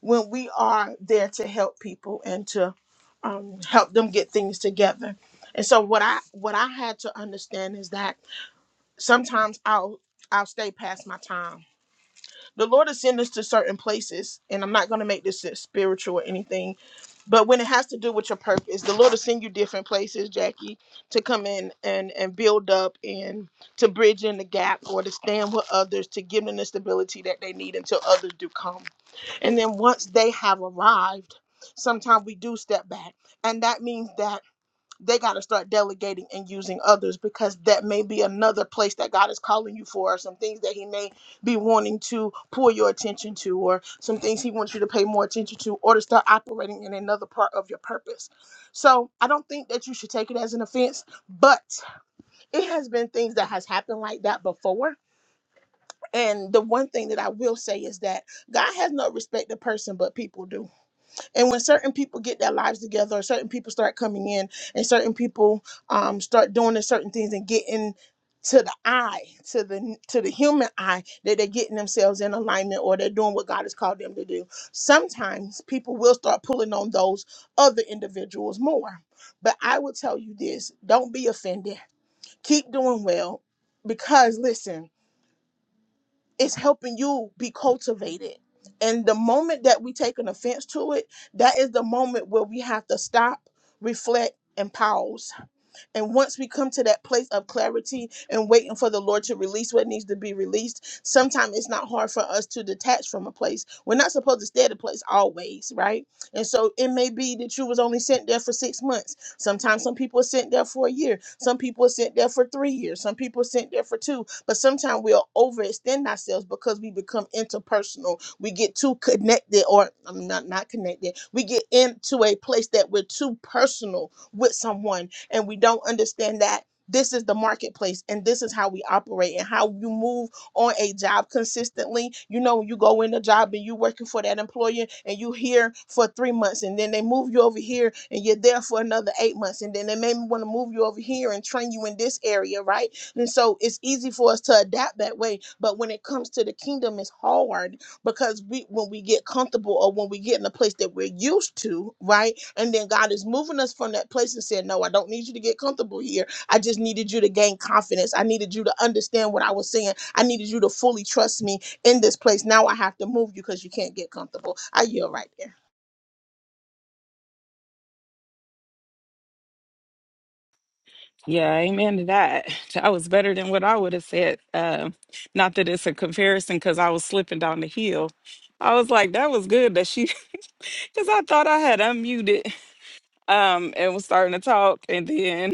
[SPEAKER 4] when we are there to help people and to um help them get things together. And so what I what I had to understand is that sometimes I'll I'll stay past my time The Lord has sent us to certain places, and I'm not going to make this spiritual or anything, but when it has to do with your purpose, the Lord will send you different places, Jackie, to come in and and build up and to bridge in the gap or to stand with others to give them the stability that they need until others do come. And then once they have arrived, sometimes we do step back. And that means that they got to start delegating and using others because that may be another place that God is calling you for, or some things that He may be wanting to pull your attention to, or some things He wants you to pay more attention to, or to start operating in another part of your purpose. So I don't think that you should take it as an offense, but it has been things that has happened like that before. And the one thing that I will say is that God has no respect to person, but people do. And when certain people get their lives together, or certain people start coming in, and certain people um, start doing the certain things and getting to the eye, to the to the human eye, that they're getting themselves in alignment or they're doing what God has called them to do. Sometimes people will start pulling on those other individuals more. But I will tell you this: don't be offended. Keep doing well, because listen it's helping you be cultivated. And the moment that we take an offense to it, that is the moment where we have to stop, reflect, and pause and once we come to that place of clarity and waiting for the Lord to release what needs to be released, sometimes it's not hard for us to detach from a place. We're not supposed to stay at a place always, right? And so it may be that you was only sent there for six months. Sometimes some people are sent there for a year. Some people are sent there for three years. Some people are sent there for two. But sometimes we'll overextend ourselves because we become interpersonal. We get too connected, or I'm not not connected. We get into a place that we're too personal with someone and we don't understand that this is the marketplace and this is how we operate and how you move on a job consistently. You know, you go in a job and you working for that employer and you here for three months and then they move you over here and you're there for another eight months and then they maybe want to move you over here and train you in this area, right? And so it's easy for us to adapt that way. But when it comes to the kingdom, it's hard because we when we get comfortable or when we get in a place that we're used to, right? And then God is moving us from that place and saying, No, I don't need you to get comfortable here. I just needed you to gain confidence. I needed you to understand what I was saying. I needed you to fully trust me in this place. Now I have to move you because you can't get comfortable. I yield right there.
[SPEAKER 1] Yeah, amen to that. That was better than what I would have said. Um, not that it's a comparison, because I was slipping down the hill. I was like, that was good that she, because I thought I had unmuted um, and was starting to talk, and then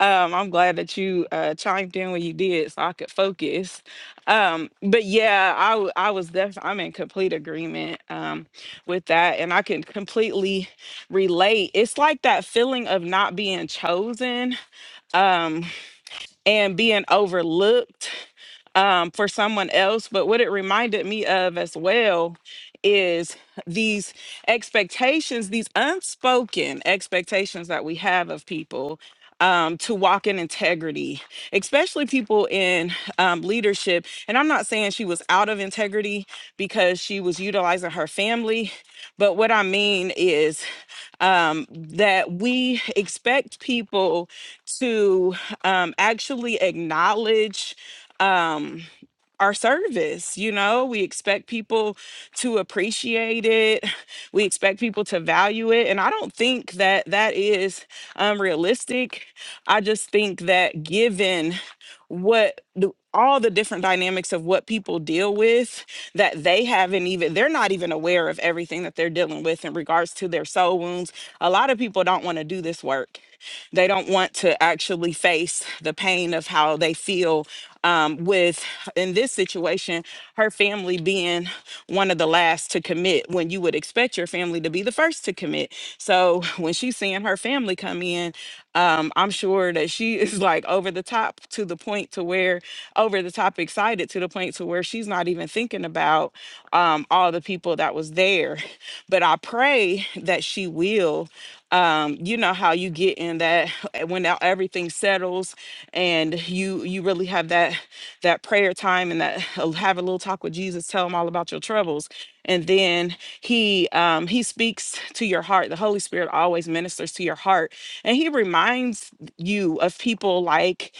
[SPEAKER 1] Um, I'm glad that you uh, chimed in when you did, so I could focus. Um, but yeah, I w- I was definitely I'm in complete agreement um, with that, and I can completely relate. It's like that feeling of not being chosen um, and being overlooked um, for someone else. But what it reminded me of as well is these expectations, these unspoken expectations that we have of people um, to walk in integrity, especially people in um, leadership. And I'm not saying she was out of integrity because she was utilizing her family, but what I mean is um, that we expect people to um, actually acknowledge. Um, our service. You know, we expect people to appreciate it. We expect people to value it. And I don't think that that is unrealistic. I just think that given what the, all the different dynamics of what people deal with, that they haven't even, they're not even aware of everything that they're dealing with in regards to their soul wounds. A lot of people don't want to do this work. They don't want to actually face the pain of how they feel um, with, in this situation, her family being one of the last to commit when you would expect your family to be the first to commit. So when she's seeing her family come in, um, I'm sure that she is like over the top to the point to where over the top excited to the point to where she's not even thinking about um, all the people that was there. But I pray that she will. Um, you know how you get in that when now everything settles and you you really have that that prayer time and that have a little talk with Jesus, tell him all about your troubles, and then he um, he speaks to your heart. The Holy Spirit always ministers to your heart, and he reminds you of people like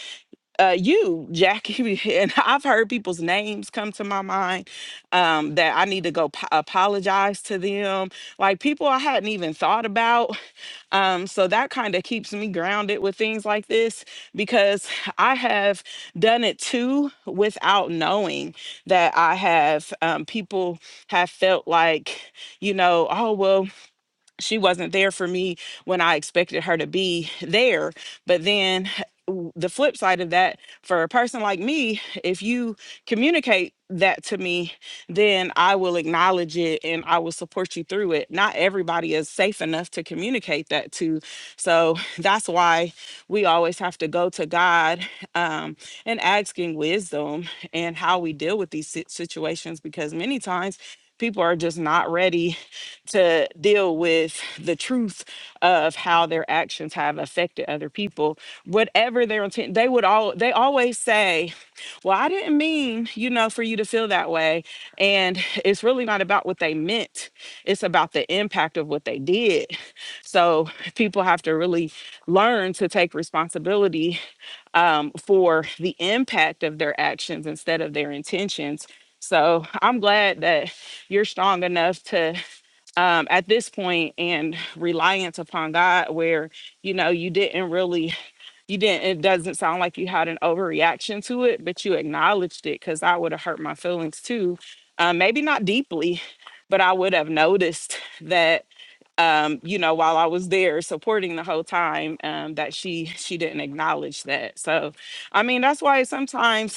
[SPEAKER 1] uh, you, Jackie, and I've heard people's names come to my mind um, that I need to go po- apologize to them, like people I hadn't even thought about. Um, so that kind of keeps me grounded with things like this because I have done it too without knowing that I have um, people have felt like, you know, oh well, she wasn't there for me when I expected her to be there. But then w- the flip side of that, for a person like me, if you communicate that to me, then I will acknowledge it and I will support you through it. Not everybody is safe enough to communicate that to. So that's why we always have to go to God um, and asking wisdom and how we deal with these si- situations because many times people are just not ready to deal with the truth of how their actions have affected other people whatever their intent they would all they always say well i didn't mean you know for you to feel that way and it's really not about what they meant it's about the impact of what they did so people have to really learn to take responsibility um, for the impact of their actions instead of their intentions so i'm glad that you're strong enough to um, at this point and reliance upon God, where you know you didn't really, you didn't. It doesn't sound like you had an overreaction to it, but you acknowledged it because I would have hurt my feelings too. Um, maybe not deeply, but I would have noticed that um, you know while I was there supporting the whole time um, that she she didn't acknowledge that. So, I mean that's why sometimes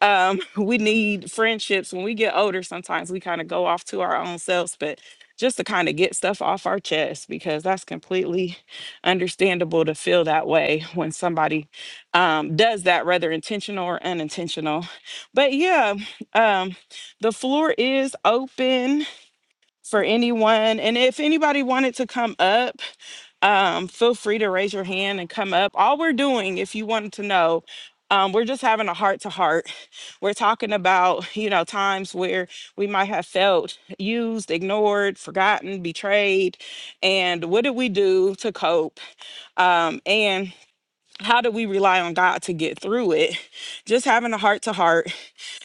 [SPEAKER 1] um, we need friendships when we get older sometimes we kind of go off to our own selves but just to kind of get stuff off our chest because that's completely understandable to feel that way when somebody um, does that rather intentional or unintentional but yeah um, the floor is open for anyone and if anybody wanted to come up um, feel free to raise your hand and come up. All we're doing, if you wanted to know, um, we're just having a heart to heart. We're talking about, you know, times where we might have felt used, ignored, forgotten, betrayed. And what did we do to cope? Um, and how do we rely on God to get through it? Just having a heart to heart.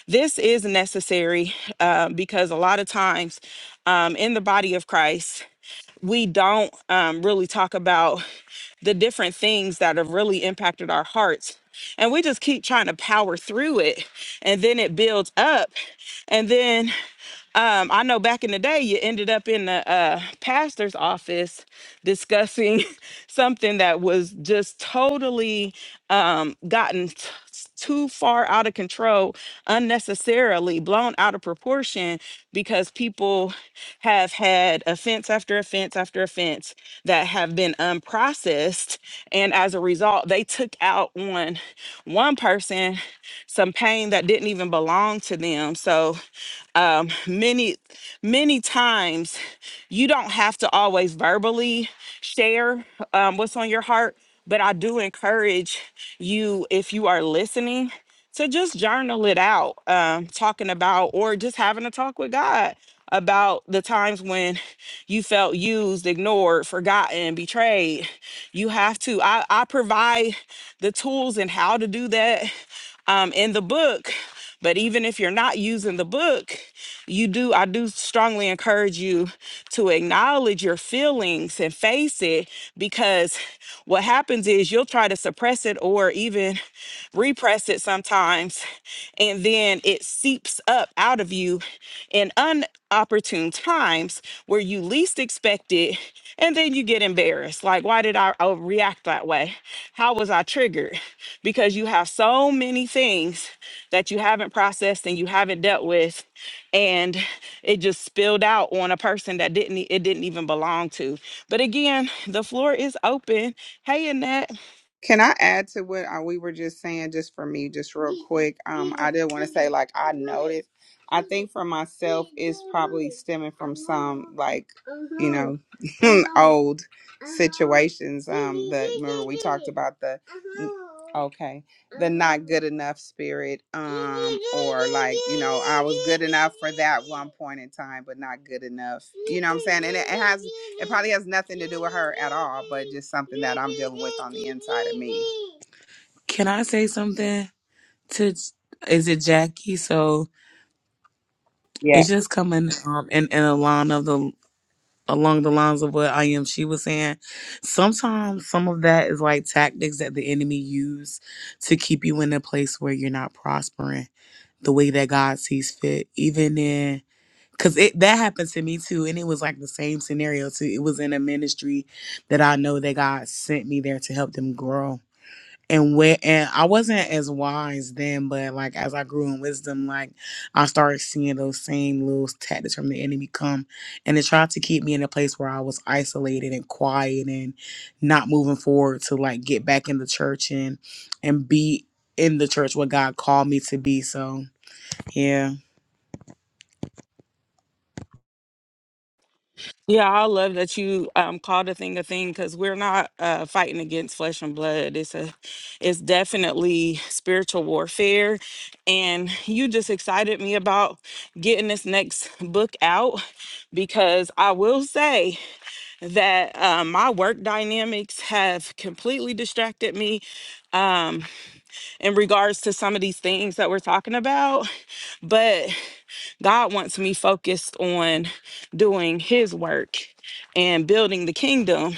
[SPEAKER 1] This is necessary uh, because a lot of times um, in the body of Christ, we don't um, really talk about the different things that have really impacted our hearts. And we just keep trying to power through it. And then it builds up. And then um, I know back in the day, you ended up in the uh, pastor's office discussing something that was just totally um, gotten t- too far out of control, unnecessarily blown out of proportion because people have had offense after offense after offense that have been unprocessed. And as a result, they took out on one person some pain that didn't even belong to them. So, um, many many times you don't have to always verbally share um, what's on your heart but i do encourage you if you are listening to just journal it out um, talking about or just having a talk with god about the times when you felt used ignored forgotten betrayed you have to i, I provide the tools and how to do that um, in the book. But even if you're not using the book, you do, I do strongly encourage you to acknowledge your feelings and face it because what happens is you'll try to suppress it or even repress it sometimes. And then it seeps up out of you in unopportune times where you least expect it. And then you get embarrassed. Like, why did I uh, react that way? How was I triggered? because you have so many things that you haven't processed and you haven't dealt with and it just spilled out on a person that didn't it didn't even belong to but again the floor is open hey annette
[SPEAKER 5] Can I add to what uh, we were just saying, just for me, just real quick? Um, I did want to say, like, I noticed. I think for myself, it's probably stemming from some, like, you know, old situations. Um, that remember we talked about the. Okay. the not good enough spirit um or like you know i was good enough for that one point in time but not good enough you know what i'm saying and it, it has it probably has nothing to do with her at all but just something that i'm dealing with on the inside of me
[SPEAKER 3] Can I say something to is it Jackie? So it's just coming um in, in a line of the along the lines of what I am she was saying. Sometimes some of that is like tactics that the enemy use to keep you in a place where you're not prospering the way that God sees fit. Even in Cause it that happened to me too, and it was like the same scenario too. It was in a ministry that I know that God sent me there to help them grow. And where and I wasn't as wise then, but like as I grew in wisdom, like I started seeing those same little tactics from the enemy come, and it tried to keep me in a place where I was isolated and quiet and not moving forward to like get back in the church and and be in the church what God called me to be. So yeah.
[SPEAKER 1] yeah i love that you um called a thing a thing because we're not uh fighting against flesh and blood it's a it's definitely spiritual warfare and you just excited me about getting this next book out because i will say that uh, my work dynamics have completely distracted me um, in regards to some of these things that we're talking about. But God wants me focused on doing His work and building the kingdom.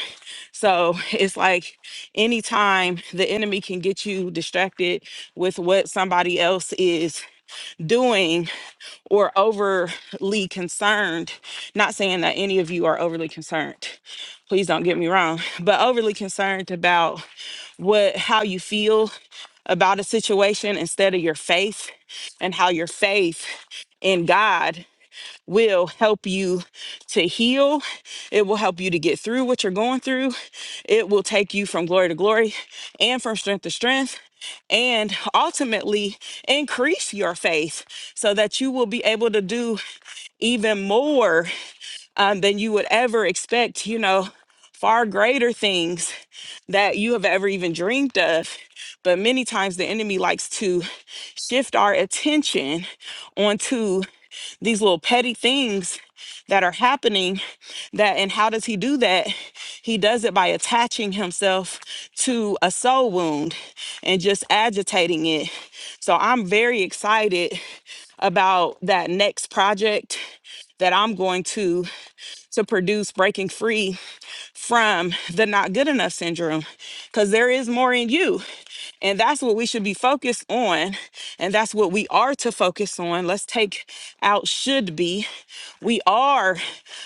[SPEAKER 1] So it's like anytime the enemy can get you distracted with what somebody else is doing or overly concerned, not saying that any of you are overly concerned, please don't get me wrong, but overly concerned about what how you feel about a situation instead of your faith and how your faith in God will help you to heal. It will help you to get through what you're going through. It will take you from glory to glory and from strength to strength and ultimately increase your faith so that you will be able to do even more um, than you would ever expect, you know, far greater things that you have ever even dreamed of. But many times the enemy likes to shift our attention onto these little petty things that are happening that and how does he do that he does it by attaching himself to a soul wound and just agitating it so i'm very excited about that next project that i'm going to to produce breaking free from the not good enough syndrome because there is more in you. And that's what we should be focused on. And that's what we are to focus on. Let's take out should be. We are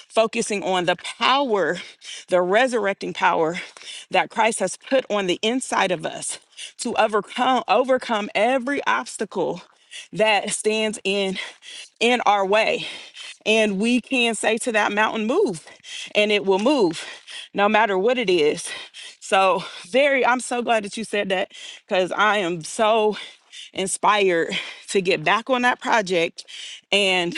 [SPEAKER 1] focusing on the power, the resurrecting power that Christ has put on the inside of us to overcome overcome every obstacle that stands in in our way. And we can say to that mountain, move, and it will move no matter what it is. So, very, I'm so glad that you said that because I am so inspired to get back on that project and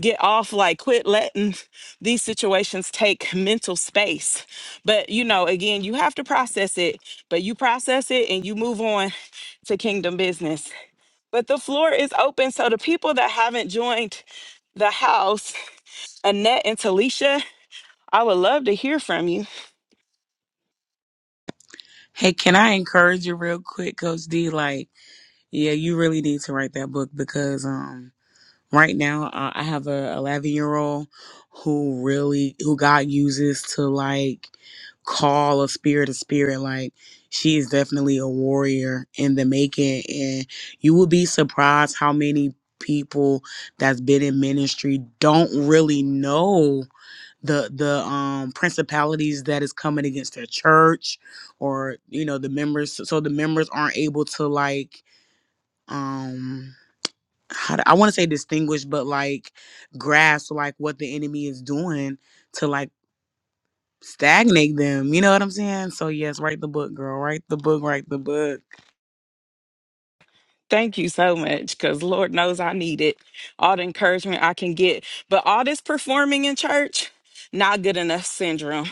[SPEAKER 1] get off like quit letting these situations take mental space but you know again you have to process it but you process it and you move on to kingdom business but the floor is open. So the people that haven't joined the house, Annette and Talisha, I would love to hear from you.
[SPEAKER 3] Hey, can I encourage you real quick, Coach D? Like, yeah, you really need to write that book because um, right now uh, I have a 11 year old who really who God uses to like call a spirit a spirit. Like, she is definitely a warrior in the making, and you will be surprised how many people that's been in ministry don't really know the the um principalities that is coming against their church or you know the members so so the members aren't able to like um how do, I want to say distinguish but like grasp like what the enemy is doing to like stagnate them you know what I'm saying so yes write the book girl write the book write the book
[SPEAKER 1] Thank you so much because Lord knows I need it. All the encouragement I can get. But all this performing in church, not good enough syndrome.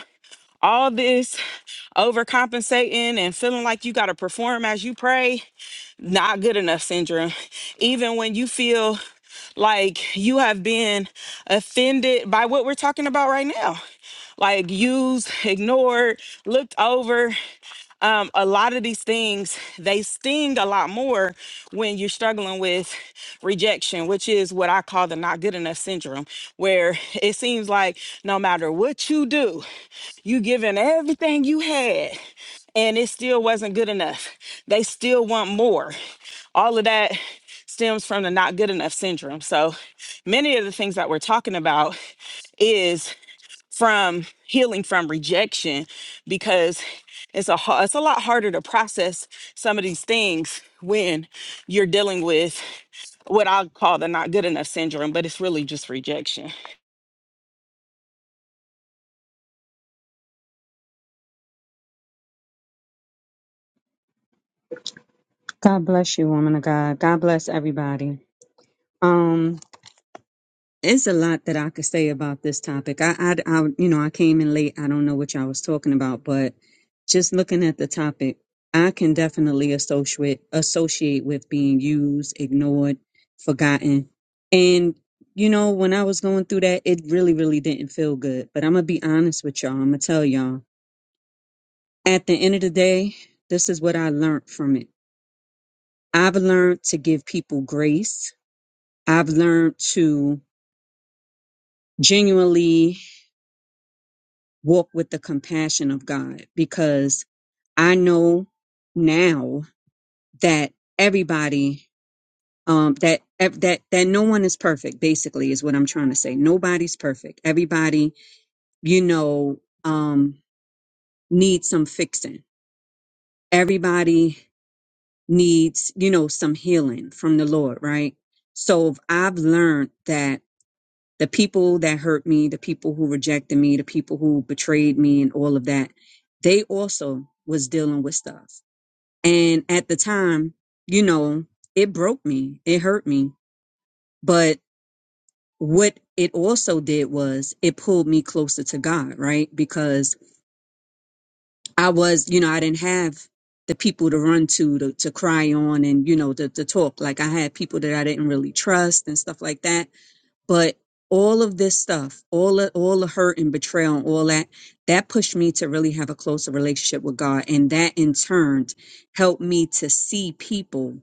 [SPEAKER 1] All this overcompensating and feeling like you got to perform as you pray, not good enough syndrome. Even when you feel like you have been offended by what we're talking about right now. like used, ignored, looked over. Um, a lot of these things, they sting a lot more when you're struggling with rejection, which is what I call the not good enough syndrome, where it seems like no matter what you do, you giving everything you had and it still wasn't good enough. They still want more. All of that stems from the not good enough syndrome. So many of the things that we're talking about is from healing from rejection because it's a ha- it's a lot harder to process some of these things when you're dealing with what I call the not good enough syndrome, but it's really just rejection.
[SPEAKER 6] God bless you, woman of God. God bless everybody. Um, it's a lot that I could say about this topic. I, I, I, you know, I came in late. I don't know what y'all was talking about, but just looking at the topic, I can definitely associate associate with being used, ignored, forgotten, and you know, when I was going through that, it really, really didn't feel good. But I'm gonna be honest with y'all. I'm gonna tell y'all. At the end of the day, this is what I learned from it. I've learned to give people grace I've learned to genuinely walk with the compassion of God because I know now that everybody um that ev- that that no one is perfect basically is what I'm trying to say. Nobody's perfect. Everybody, you know, um needs some fixing. Everybody needs, you know, some healing from the Lord, right? So I've learned that the people that hurt me, the people who rejected me, the people who betrayed me and all of that, they also was dealing with stuff. And at the time, you know, it broke me, it hurt me, but what it also did was it pulled me closer to God, right? Because I was, you know, I didn't have the people to run to, to, to cry on and, you know, to, to talk. Like I had people that I didn't really trust and stuff like that but all of this stuff all the, all the hurt and betrayal and all that that pushed me to really have a closer relationship with god and that in turn helped me to see people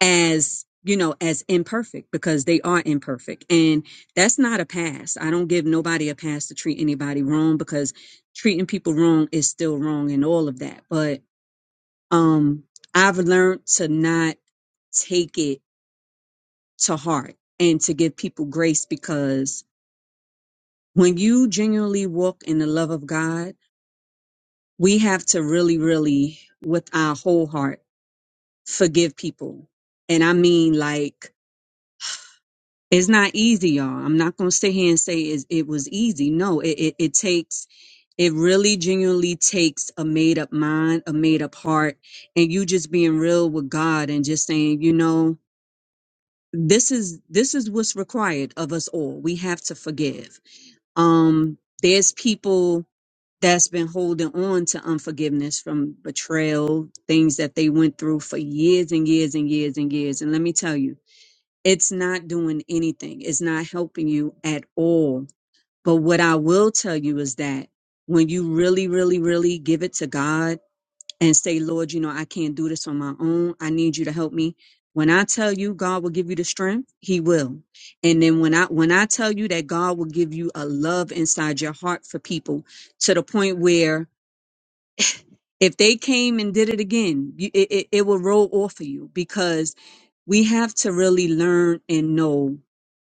[SPEAKER 6] as you know as imperfect because they are imperfect and that's not a pass i don't give nobody a pass to treat anybody wrong because treating people wrong is still wrong and all of that but um i've learned to not take it to heart and to give people grace because when you genuinely walk in the love of God, we have to really, really, with our whole heart, forgive people. And I mean, like, it's not easy, y'all. I'm not going to sit here and say it, it was easy. No, it, it, it takes, it really genuinely takes a made up mind, a made up heart, and you just being real with God and just saying, you know, this is this is what's required of us all. We have to forgive. Um, there's people that's been holding on to unforgiveness from betrayal, things that they went through for years and years and years and years. And let me tell you, it's not doing anything, it's not helping you at all. But what I will tell you is that when you really, really, really give it to God and say, Lord, you know, I can't do this on my own, I need you to help me. When I tell you God will give you the strength, he will. And then when I when I tell you that God will give you a love inside your heart for people to the point where if they came and did it again, you, it, it, it will roll off of you because we have to really learn and know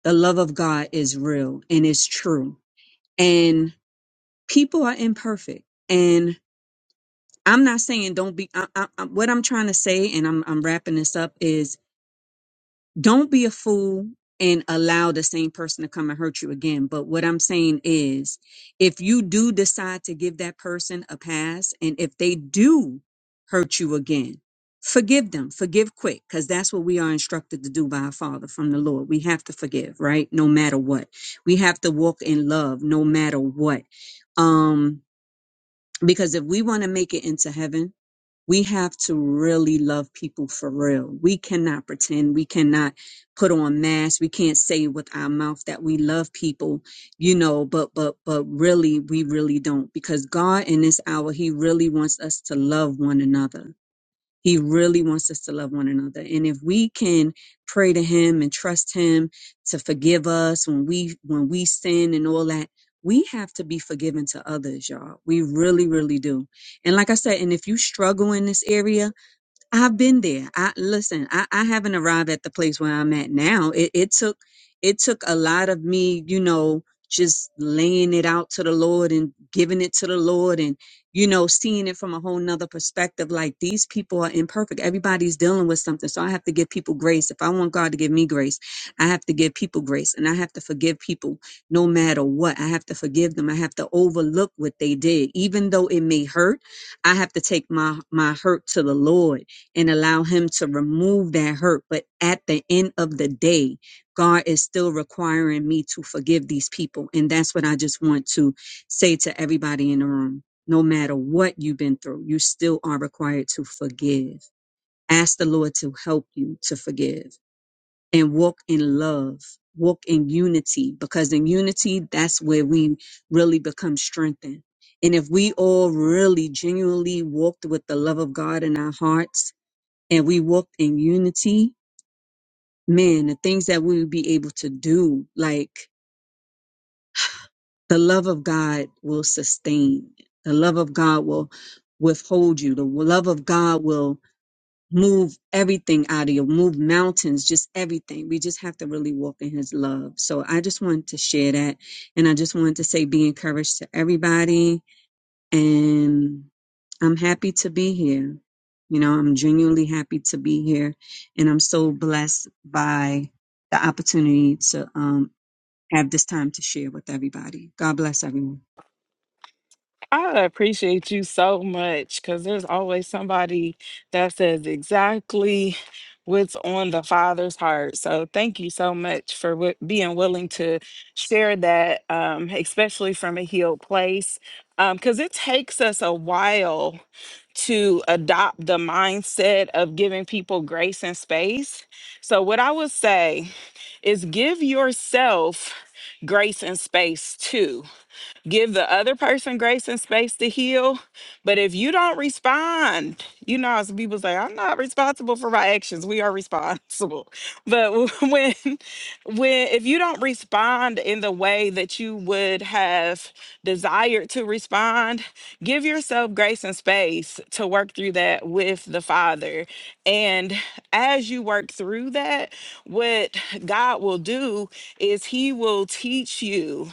[SPEAKER 6] the love of God is real and it's true. And people are imperfect. And I'm not saying don't be, I, I, I- what I'm trying to say, and I'm, I'm wrapping this up is don't be a fool and allow the same person to come and hurt you again. But what I'm saying is, if you do decide to give that person a pass, and if they do hurt you again, forgive them, forgive quick, because that's what we are instructed to do by our Father from the Lord. We have to forgive, right? No matter what. We have to walk in love no matter what. Um, because if we want to make it into heaven, we have to really love people for real. We cannot pretend. We cannot put on masks. We can't say with our mouth that we love people, you know, but, but, but really, we really don't because God in this hour, he really wants us to love one another he really wants us to love one another. And if we can pray to him and trust him to forgive us when we when we sin and all that, we have to be forgiving to others, y'all. We really, really do. And like I said, and if you struggle in this area, I've been there. I listen, I, I haven't arrived at the place where I'm at now. It it took it took a lot of me, you know, just laying it out to the Lord and giving it to the Lord and, you know, seeing it from a whole nother perspective. Like these people are imperfect. Everybody's dealing with something. So I have to give people grace. If I want God to give me grace, I have to give people grace and I have to forgive people no matter what. I have to forgive them. I have to overlook what they did. Even though it may hurt, I have to take my, my hurt to the Lord and allow him to remove that hurt. But at the end of the day, God is still requiring me to forgive these people. And that's what I just want to say to everybody in the room. No matter what you've been through, you still are required to forgive. Ask the Lord to help you to forgive and walk in love, walk in unity, because in unity, that's where we really become strengthened. And if we all really genuinely walked with the love of God in our hearts, and we walked in unity, man, the things that we would be able to do, like the love of God will sustain. The love of God will withhold you. The love of God will move everything out of you, move mountains, just everything. We just have to really walk in his love. So I just wanted to share that. And I just wanted to say be encouraged to everybody and I'm happy to be here. You know, I'm genuinely happy to be here, and I'm so blessed by the opportunity to um, have this time to share with everybody. God bless everyone.
[SPEAKER 1] I appreciate you so much because there's always somebody that says exactly what's on the Father's heart. So thank you so much for wi- being willing to share that, um, especially from a healed place, because it takes us a while to adopt the mindset of giving people grace and space. So, what I would say is give yourself grace and space too give the other person grace and space to heal. But if you don't respond, you know, as people say, I'm not responsible for my actions. We are responsible. But when, when, if you don't respond in the way that you would have desired to respond, give yourself grace and space to work through that with the Father. And as you work through that, what God will do is He will teach you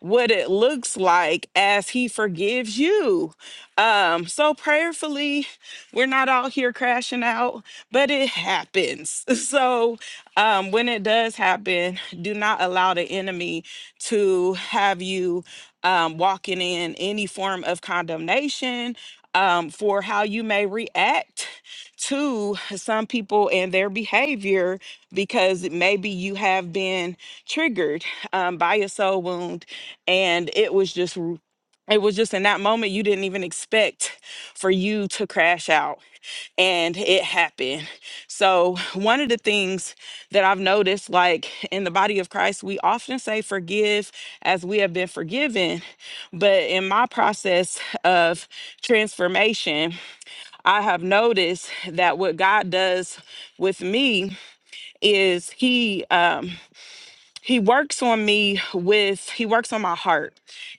[SPEAKER 1] what it looks like as he forgives you. Um, so prayerfully, we're not all here crashing out, but it happens. So um, when it does happen, do not allow the enemy to have you um, walking in any form of condemnation um, for how you may react to some people and their behavior because maybe you have been triggered um, by a soul wound and it was just r- it was just in that moment you didn't even expect for you to crash out and it happened so one of the things that i've noticed like in the body of christ we often say forgive as we have been forgiven but in my process of transformation i have noticed that what god does with me is he um he works on me with he works on my heart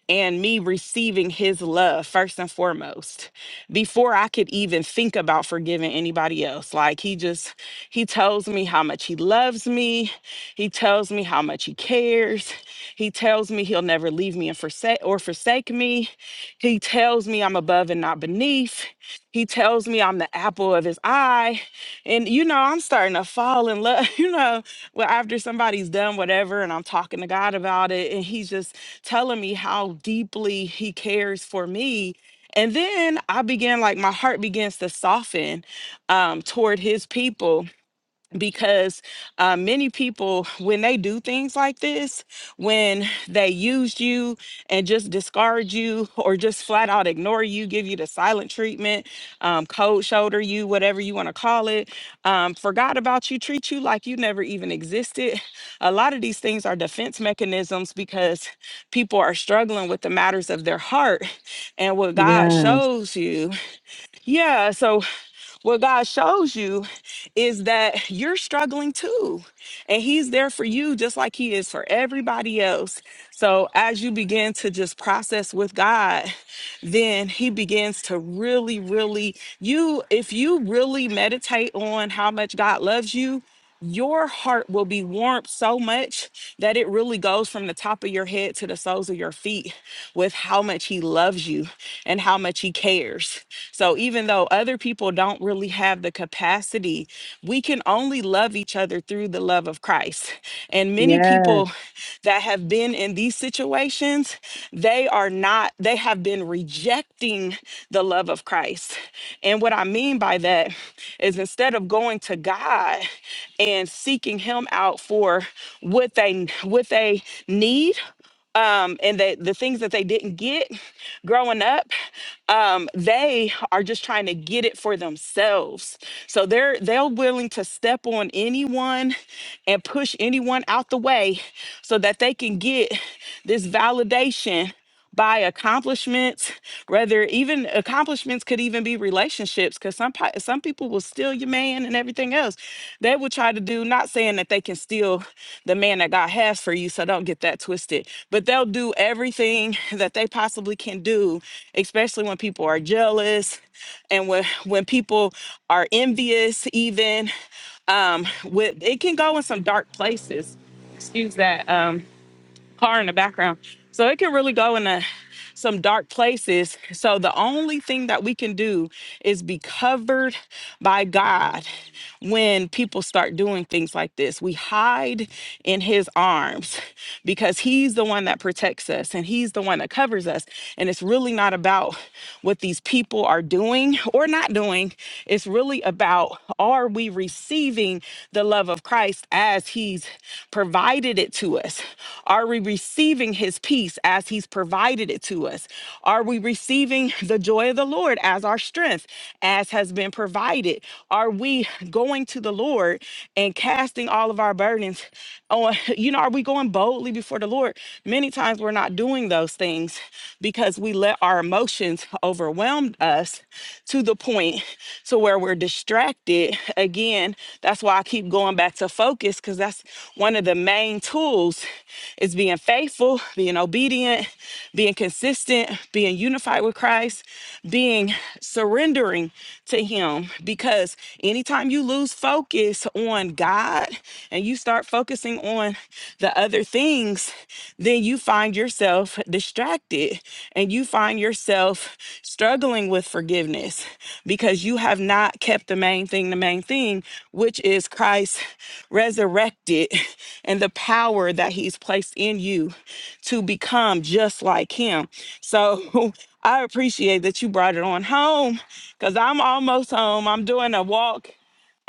[SPEAKER 1] and me receiving his love first and foremost before i could even think about forgiving anybody else like he just he tells me how much he loves me he tells me how much he cares he tells me he'll never leave me and forsake or forsake me he tells me i'm above and not beneath he tells me i'm the apple of his eye and you know i'm starting to fall in love you know well, after somebody's done whatever and I'm talking to God about it, and He's just telling me how deeply He cares for me. And then I began, like, my heart begins to soften um, toward His people because uh, many people when they do things like this when they use you and just discard you or just flat out ignore you give you the silent treatment um, cold shoulder you whatever you want to call it um, forgot about you treat you like you never even existed a lot of these things are defense mechanisms because people are struggling with the matters of their heart and what god
[SPEAKER 6] Yes,
[SPEAKER 1] shows you yeah so what God shows you is that you're struggling too, and He's there for you just like He is for everybody else. So as you begin to just process with God, then He begins to really, really, you, if you really meditate on how much God loves you, your heart will be warmed so much that it really goes from the top of your head to the soles of your feet with how much He loves you and how much He cares. So even though other people don't really have the capacity, we can only love each other through the love of Christ. And many
[SPEAKER 6] yes,
[SPEAKER 1] people that have been in these situations, they are not, they have been rejecting the love of Christ. And what I mean by that is instead of going to God and seeking him out for what they what they need, um, and the, the things that they didn't get growing up um, they are just trying to get it for themselves so they're they're willing to step on anyone and push anyone out the way so that they can get this validation by accomplishments whether even accomplishments could even be relationships because some pi- some people will steal your man and everything else they will try to do not saying that they can steal the man that god has for you so don't get that twisted but they'll do everything that they possibly can do especially when people are jealous and when when people are envious even um with it can go in some dark places excuse that Um car in the background. So it can really go in a, some dark places. So the only thing that we can do is be covered by God when people start doing things like this. We hide in his arms because he's the one that protects us and he's the one that covers us. And it's really not about what these people are doing or not doing. It's really about are we receiving the love of Christ as as He's provided it to us? Are we receiving His peace as He's provided it to us? Are we receiving the joy of the Lord as our strength, as has been provided? Are we going to the Lord and casting all of our burdens on? You know, are we going boldly before the Lord? Many times we're not doing those things because we let our emotions overwhelm us us to the point to where we're distracted. Again, that's why I keep going back to focus because that's one of the main tools is being faithful, being obedient, being consistent, being unified with Christ, being surrendering to him because anytime you lose focus on God and you start focusing on the other things, then you find yourself distracted and you find yourself struggling with forgiveness because you have not kept the main thing, the main thing, which is Christ resurrected and the power that he's placed in you to become just like him. So I appreciate that you brought it on home because I'm almost home. I'm doing a walk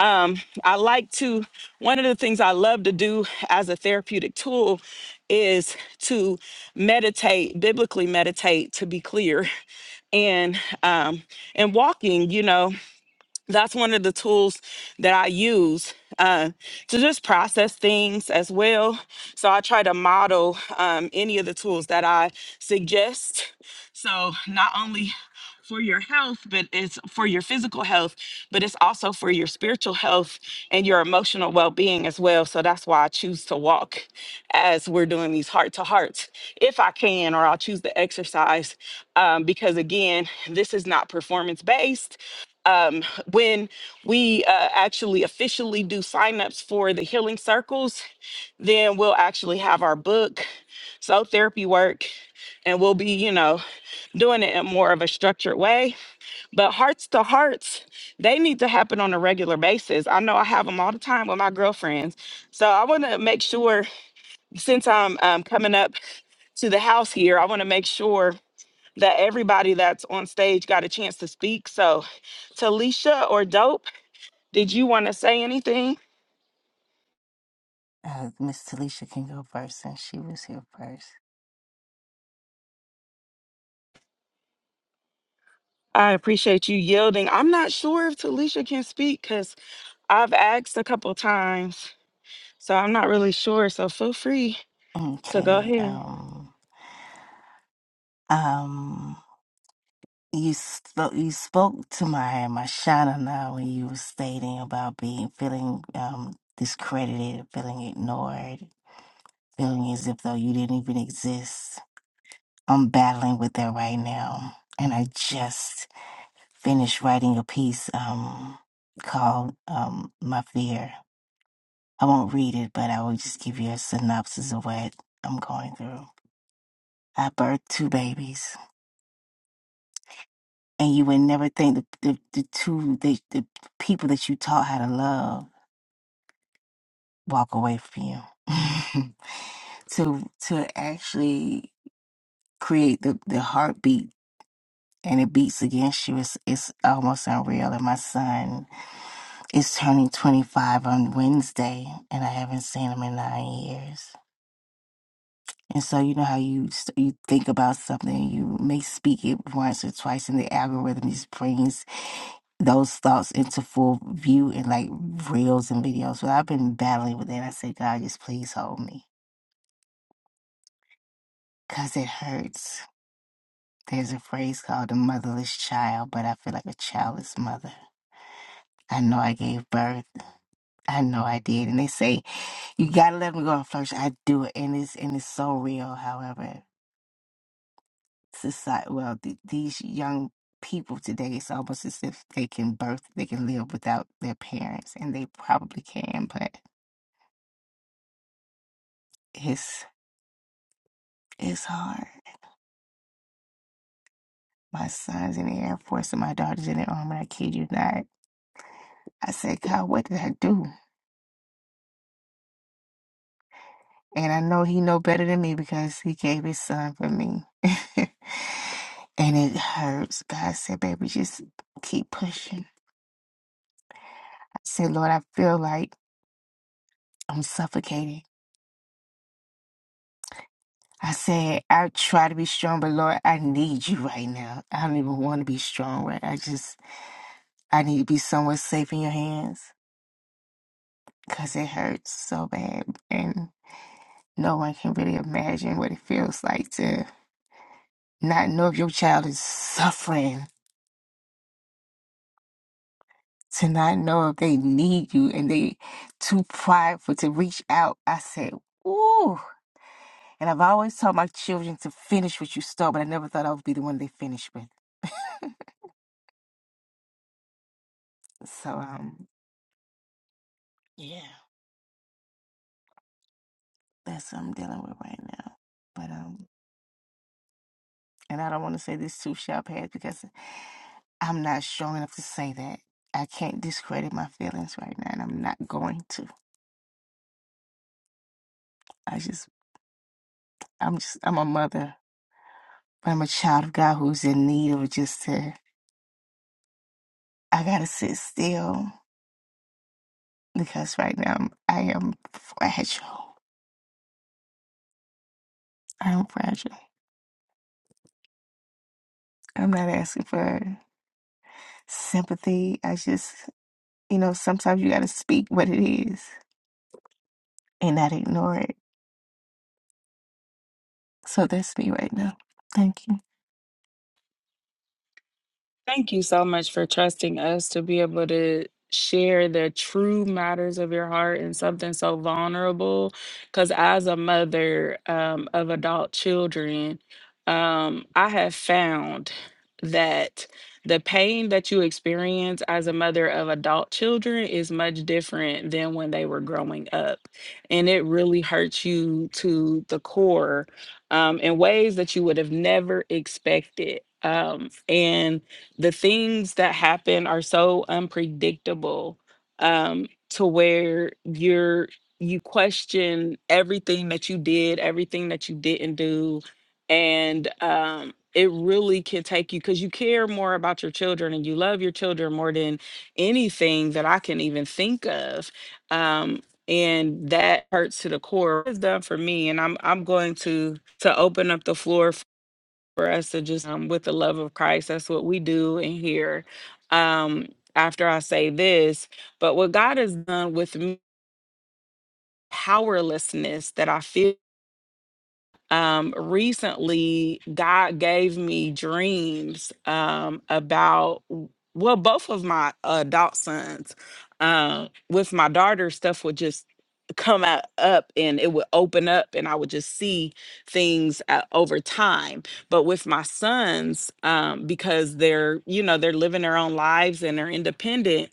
[SPEAKER 1] um, I like to, one of the things I love to do as a therapeutic tool is to meditate, biblically meditate, to be clear. And um, and walking, you know that's one of the tools that I use uh, to just process things as well. So I try to model um, any of the tools that I suggest. So not only for your health, but it's for your physical health, but it's also for your spiritual health and your emotional well being as well. So that's why I choose to walk as we're doing these heart to hearts, if I can, or I'll choose the exercise um, because, again, this is not performance based um, when we uh, actually officially do signups for the healing circles, then we'll actually have our book, soul therapy work, and we'll be, you know, doing it in more of a structured way. But hearts to hearts, they need to happen on a regular basis. I know I have them all the time with my girlfriends. So I want to make sure, since I'm um, coming up to the house here, I want to make sure that everybody that's on stage got a chance to speak. So, Talisha or Dope, did you want to say anything?
[SPEAKER 7] Uh, Miss Talisha can go first since she was here first.
[SPEAKER 1] I appreciate you yielding. I'm not sure if Talisha can speak because I've asked a couple times, so I'm not really sure. So feel free to go
[SPEAKER 7] Okay.
[SPEAKER 1] ahead.
[SPEAKER 7] Um. Um. You spoke. You spoke to my my shadow now when you were stating about being feeling um discredited, feeling ignored, feeling as if though you didn't even exist. I'm battling with that right now, and I just finished writing a piece um called um my fear. I won't read it, but I will just give you a synopsis of what I'm going through. I birthed two babies, and you would never think the the, the two the, the people that you taught how to love walk away from you. to to actually create the, the heartbeat and it beats against you It's it's almost unreal. And my son is turning twenty five on Wednesday, and I haven't seen him in nine years. And so you know how you s- you think about something, you may speak it once or twice, and the algorithm just brings those thoughts into full view in like reels and videos. But I've been battling with it. I said, God, just please hold me. Because it hurts. There's a phrase called a motherless child, but I feel like a childless mother. I know I gave birth. I know I did. And they say, you got to let them go and flourish. I do it. And it's, and it's so real. However, society, well, th- these young people today, it's almost as if they can birth, they can live without their parents. And they probably can, but it's, it's hard My son's in the Air Force and my daughter's in the Army. I kid you not. I said, God, what did I do? And I know he know better than me because he gave his son for me. and it hurts. God said, baby, just keep pushing. I said, Lord, I feel like I'm suffocating. I said, I try to be strong, but Lord, I need you right now. I don't even want to be strong, right? I just, I need to be somewhere safe in your hands because it hurts so bad. And No one can really imagine what it feels like to not know if your child is suffering, to not know if they need you and they too prideful to reach out. I said, ooh. And I've always taught my children to finish what you start, but I never thought I would be the one they finish with. So um yeah, that's what I'm dealing with right now. But um and I don't want to say this too shall pass because I'm not strong enough to say that. I can't discredit my feelings right now and I'm not going to. I just I'm just I'm a mother, but I'm a child of God who's in need of just to I gotta sit still because right now I'm, I am fragile. I am fragile. I'm not asking for sympathy. I just you know sometimes you gotta speak what it is and not ignore it. So that's me right now. Thank you.
[SPEAKER 1] Thank you so much for trusting us to be able to share the true matters of your heart and something so vulnerable. Because as a mother um, of adult children, um, I have found that the pain that you experience as a mother of adult children is much different than when they were growing up. And it really hurts you to the core um, in ways that you would have never expected. Um, and the things that happen are so unpredictable um to where you're you question everything that you did everything that you didn't do and um it really can take you because you care more about your children and you love your children more than anything that I can even think of. Um, and that hurts to the core. It's done for me, and I'm I'm going to to open up the floor for us to just um, with the love of Christ. That's what we do in here. Um, after I say this, but what God has done with me, powerlessness that I feel um, recently God gave me dreams um, about w- well, both of my adult sons. Uh, with my daughter, stuff would just come out up and it would open up and I would just see things uh, over time. But with my sons, um, because they're you know they're living their own lives and they're independent,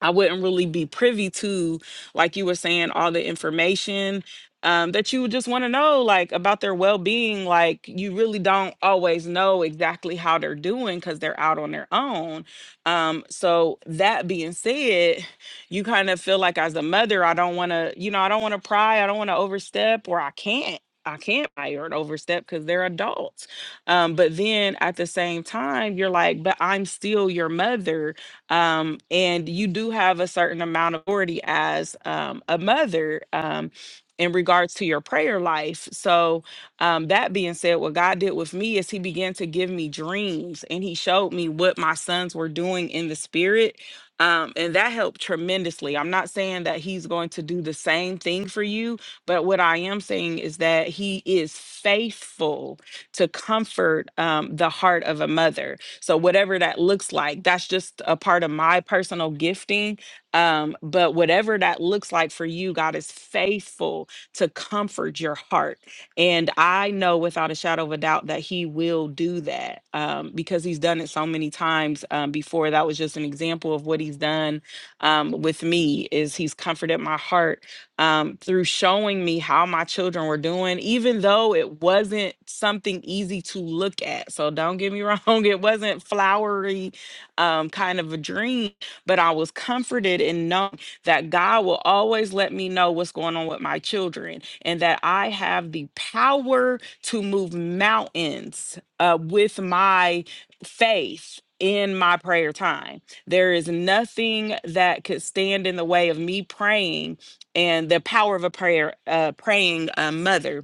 [SPEAKER 1] I wouldn't really be privy to, like you were saying, all the information um, that you would just want to know, like about their well being. Like, you really don't always know exactly how they're doing because they're out on their own. Um, so, that being said, you kind of feel like as a mother, I don't want to, you know, I don't want to pry, I don't want to overstep, or I can't. I can't pry or overstep because they're adults. Um, but then at the same time, you're like, but I'm still your mother um, and you do have a certain amount of authority as um, a mother um, in regards to your prayer life. So, um, that being said, what God did with me is He began to give me dreams and He showed me what my sons were doing in the spirit. Um, and that helped tremendously. I'm not saying that He's going to do the same thing for you, but what I am saying is that He is faithful to comfort um, the heart of a mother so whatever that looks like, that's just a part of my personal gifting. Um, but whatever that looks like for you, God is faithful to comfort your heart. And I know without a shadow of a doubt that He will do that um, because He's done it so many times um, before. That was just an example of what He's done um, with me is He's comforted my heart um, through showing me how my children were doing, even though it wasn't something easy to look at. So don't get me wrong, it wasn't flowery um, kind of a dream, but I was comforted in knowing that God will always let me know what's going on with my children and that I have the power to move mountains uh, with my faith. In my prayer time, there is nothing that could stand in the way of me praying and the power of a prayer, uh, praying uh, mother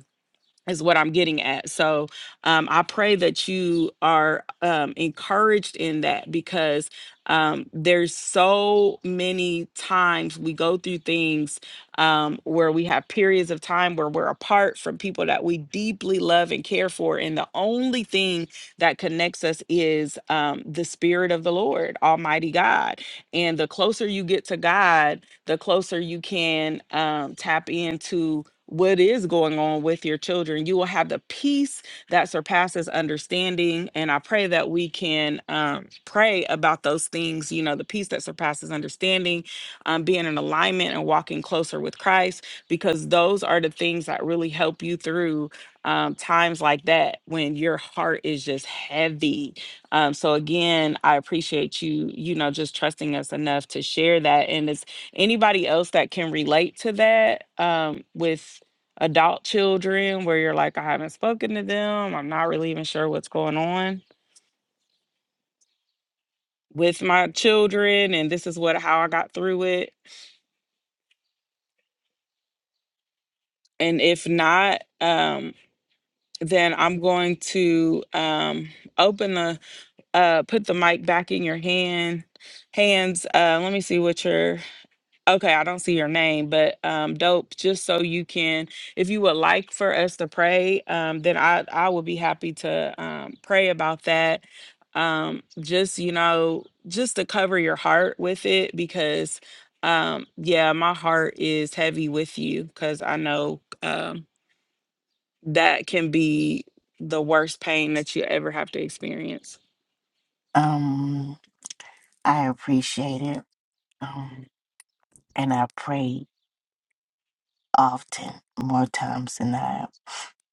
[SPEAKER 1] is what I'm getting at. So um, I pray that you are um, encouraged in that because um, there's so many times we go through things um, where we have periods of time where we're apart from people that we deeply love and care for. And the only thing that connects us is um, the Spirit of the Lord, Almighty God. And the closer you get to God, the closer you can um, tap into what is going on with your children. You will have the peace that surpasses understanding. And I pray that we can um, pray about those things, you know, the peace that surpasses understanding, um, being in alignment and walking closer with Christ, because those are the things that really help you through um, times like that when your heart is just heavy. Um, so, again, I appreciate you, you know, just trusting us enough to share that. And it's Anybody else that can relate to that um, with adult children where you're like, I haven't spoken to them, I'm not really even sure what's going on with my children, and this is what how I got through it. And if not, um, then I'm going to um, open the uh, put the mic back in your hand hands. Uh, let me see what your Okay, I don't see your name, but um, dope. Just so you can, if you would like for us to pray, um, then I I would be happy to um, pray about that. Um, just you know, just to cover your heart with it, because um, yeah, my heart is heavy with you, because I know. um, that can be the worst pain that you ever have to experience.
[SPEAKER 7] Um, I appreciate it. Um, and I pray often, more times than not.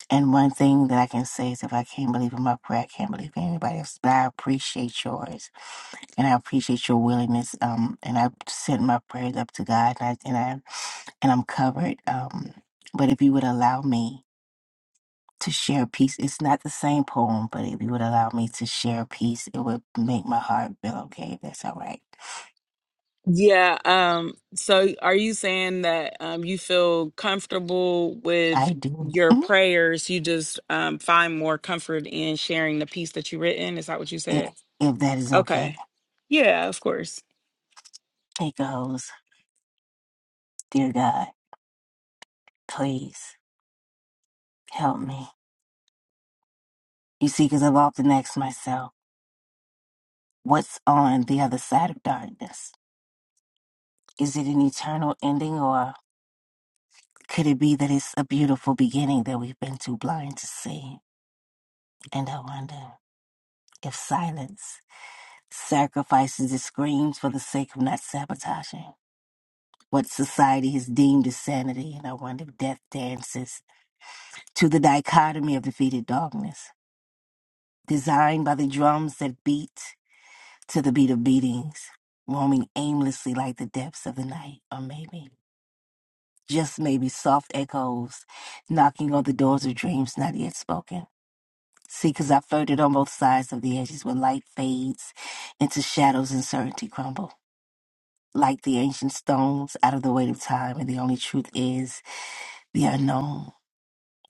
[SPEAKER 7] And one thing that I can say is if I can't believe in my prayer, I can't believe in anybody else. But I appreciate yours. And I appreciate your willingness. Um, and I sent my prayers up to God and I and, I, and I'm covered. Um, but if you would allow me to share a piece, it's not the same poem, but if you would allow me to share a piece, it would make my heart feel okay, if that's all right.
[SPEAKER 1] Yeah. Um, so are you saying that um, you feel comfortable with
[SPEAKER 7] I do.
[SPEAKER 1] your
[SPEAKER 7] Mm,
[SPEAKER 1] prayers? You just um, find more comfort in sharing the piece that you written? Is that what you
[SPEAKER 7] If,
[SPEAKER 1] said?
[SPEAKER 7] if that is okay.
[SPEAKER 1] Okay. Yeah, of course.
[SPEAKER 7] It goes, Dear God, please help me. You see, because I've often asked myself. what's on the other side of darkness. Is it an eternal ending, or could it be that it's a beautiful beginning that we've been too blind to see? And I wonder if silence sacrifices its screams for the sake of not sabotaging what society has deemed as sanity. And I wonder if death dances to the dichotomy of defeated darkness, designed by the drums that beat to the beat of beatings, roaming aimlessly like the depths of the night, or maybe. just maybe soft echoes knocking on the doors of dreams not yet spoken. See, 'cause I flirted on both sides of the edges where light fades into shadows and certainty crumble. Like the ancient stones out of the weight of time, and the only truth is the unknown.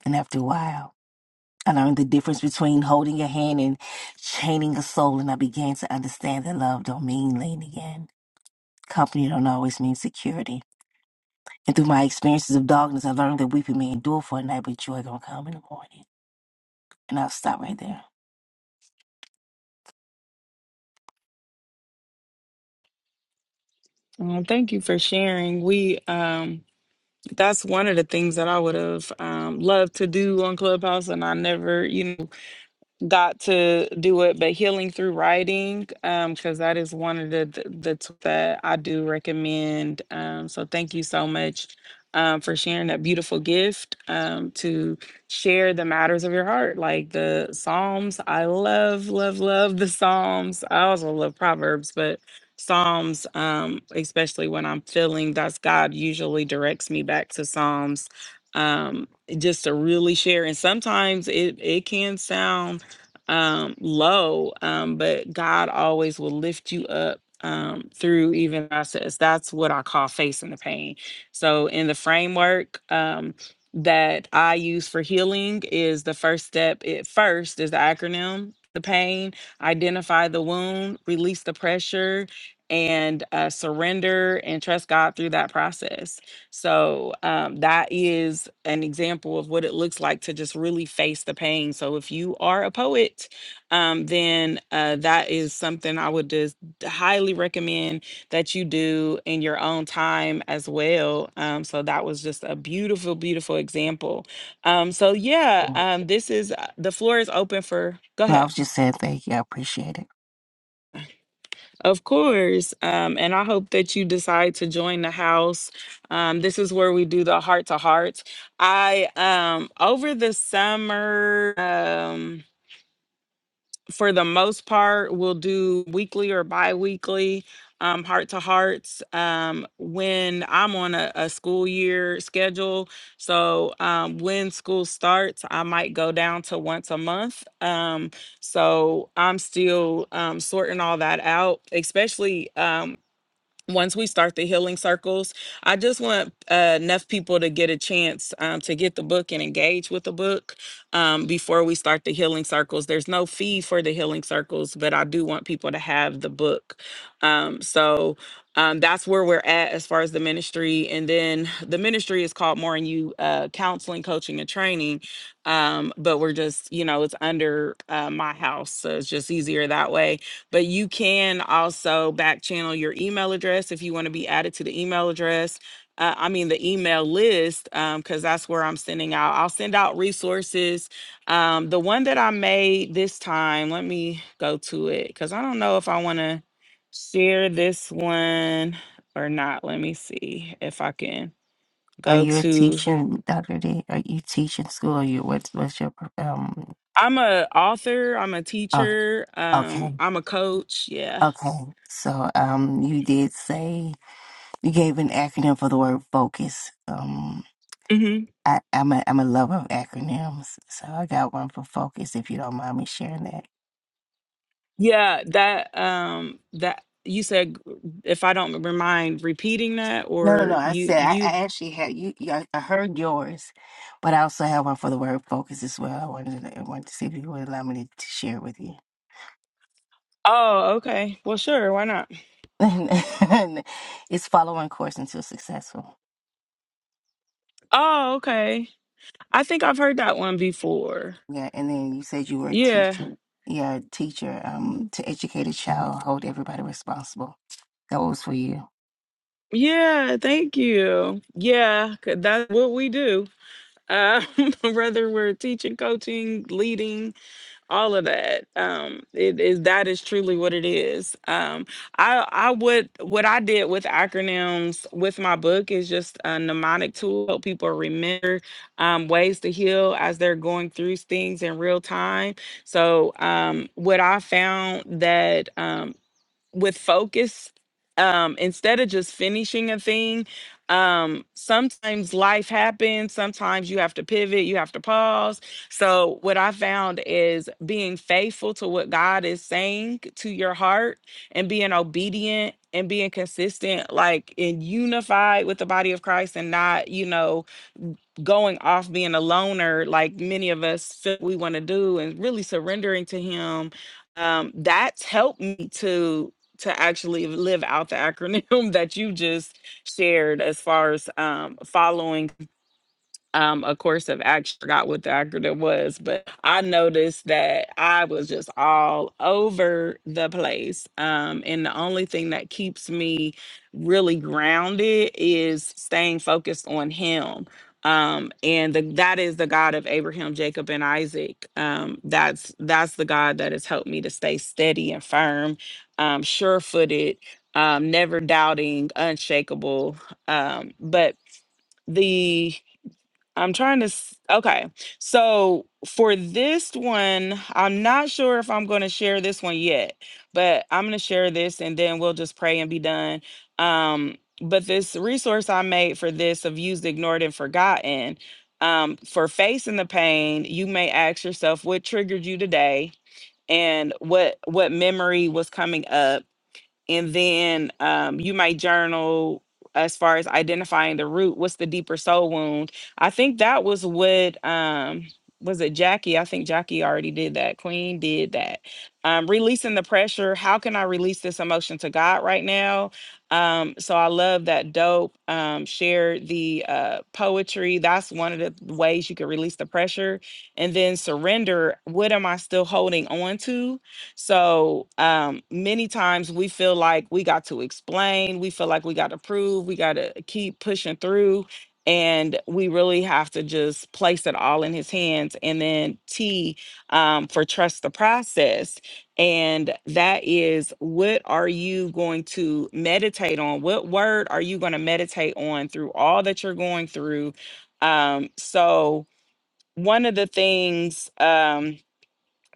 [SPEAKER 7] And after a while, I learned the difference between holding a hand and chaining a soul, and I began to understand that love don't mean leaning in. Company don't always mean security. And through my experiences of darkness, I learned that weeping may endure for a night, but joy gonna come in the morning. And I'll stop right there.
[SPEAKER 1] Um, thank you for sharing. We um, that's one of the things that I would have um, loved to do on Clubhouse, and I never, you know. got to do it, but healing through writing, um, because that is one of the the, the tools that I do recommend. Um, so thank you so much um, for sharing that beautiful gift um, to share the matters of your heart, like the Psalms. I love, love, love the Psalms. I also love Proverbs, but Psalms, um, especially when I'm feeling, that's God usually directs me back to Psalms. Um, just to really share, and sometimes it it can sound um low um but god always will lift you up um through even process that's what i call facing the pain so in the framework um that i use for healing is the first step it first is the acronym the pain identify the wound release the pressure and uh, surrender and trust god through that process so um, that is an example of what it looks like to just really face the pain. So if you are a poet, um, then uh, that is something I would just highly recommend that you do in your own time as well. Um, so that was just a beautiful, beautiful example. Um, so yeah,
[SPEAKER 7] No,
[SPEAKER 1] um, this is uh, the floor is open for. Go
[SPEAKER 7] I
[SPEAKER 1] ahead.
[SPEAKER 7] was just saying thank you. I appreciate it.
[SPEAKER 1] Of course. Um, and I hope that you decide to join the house. Um, this is where we do the heart to heart. I um over the summer um for the most part, we'll do weekly or bi-weekly um, heart-to-hearts um, when I'm on a, a school year schedule. So um, when school starts, I might go down to once a month. Um, so I'm still um, sorting all that out, especially. Um, once we start the healing circles i just want uh, enough people to get a chance um, to get the book and engage with the book um, before we start the healing circles there's no fee for the healing circles but i do want people to have the book um, so um, that's where we're at as far as the ministry and then the ministry is called more and you uh, counseling coaching and training um, but we're just you know it's under uh, my house so it's just easier that way but you can also back channel your email address if you want to be added to the email address uh, i mean the email list because that's where i'm sending out i'll send out resources um, the one that i made this time let me go to it because i don't know if i want to share this one or not let me see if i can
[SPEAKER 7] Are
[SPEAKER 1] go
[SPEAKER 7] you a
[SPEAKER 1] to
[SPEAKER 7] teacher, Dr. D? Are you teaching school? Or you what's what's your pro- um
[SPEAKER 1] i'm a author i'm a
[SPEAKER 7] oh,
[SPEAKER 1] teacher
[SPEAKER 7] okay.
[SPEAKER 1] um, i'm a coach yeah
[SPEAKER 7] Okay. So um you did say you gave an acronym for the word focus. Um
[SPEAKER 1] Mm-hmm.
[SPEAKER 7] I, I'm a I'm a lover of acronyms. So I got one for focus if you don't mind me sharing that.
[SPEAKER 1] Yeah, that um that you said g- if I don't r- mind repeating that
[SPEAKER 7] No, no, no.
[SPEAKER 1] or
[SPEAKER 7] I
[SPEAKER 1] you
[SPEAKER 7] said I,
[SPEAKER 1] you
[SPEAKER 7] I actually had you, you I I heard yours, but I also have one for the word focus as well. I wanted to, I wanted to see if you would allow me to share it with you.
[SPEAKER 1] Oh, okay. Well, sure, why not?
[SPEAKER 7] and, it's following course until successful.
[SPEAKER 1] Oh, okay. I think I've heard that one before.
[SPEAKER 7] Yeah, and then you said you were a
[SPEAKER 1] Yeah.
[SPEAKER 7] teacher. Yeah, teacher. Um,
[SPEAKER 1] Mhm.
[SPEAKER 7] to educate a child, hold everybody responsible. That was for you.
[SPEAKER 1] Yeah, thank you. Yeah, 'cause that's what we do. Um, whether we're teaching, coaching, leading, all of that. Um, it is that is truly what it is. Um, I I would what I did with acronyms with my book is just a mnemonic tool help people remember um, ways to heal as they're going through things in real time. So um, what I found that um, with focus um instead of just finishing a thing um sometimes life happens sometimes you have to pivot you have to pause so what i found is being faithful to what god is saying to your heart and being obedient and being consistent like and unified with the body of christ and not you know going off being a loner like many of us feel we want to do and really surrendering to him um that's helped me to to actually live out the acronym that you just shared as far as um following um, a course of action. Forgot what the acronym was, but I noticed that I was just all over the place. Um, and the only thing that keeps me really grounded is staying focused on Him. Um, and the, that is the God of Abraham, Jacob, and Isaac. Um, that's that's the God that has helped me to stay steady and firm, um, sure-footed, um, never doubting, unshakable. Um, but the I'm trying to. s- Okay. So for this one, I'm not sure if I'm going to share this one yet, but I'm going to share this and then we'll just pray and be done. Um, but this resource I made for this of used, ignored, and forgotten um, for facing the pain, you may ask yourself what triggered you today and what what memory was coming up and then um, you might journal as far as identifying the root what's the deeper soul wound i think that was what um was it jackie i think jackie already did that queen did that um releasing the pressure how can i release this emotion to god right now um so i love that dope um share the uh poetry that's one of the ways you can release the pressure and then surrender what am i still holding on to so um, many times we feel like we got to explain, we feel like we got to prove, we got to keep pushing through. And we really have to just place it all in his hands. And then T um, for trust the process. And that is what are you going to meditate on? What word are you going to meditate on through all that you're going through? Um, so, one of the things, um,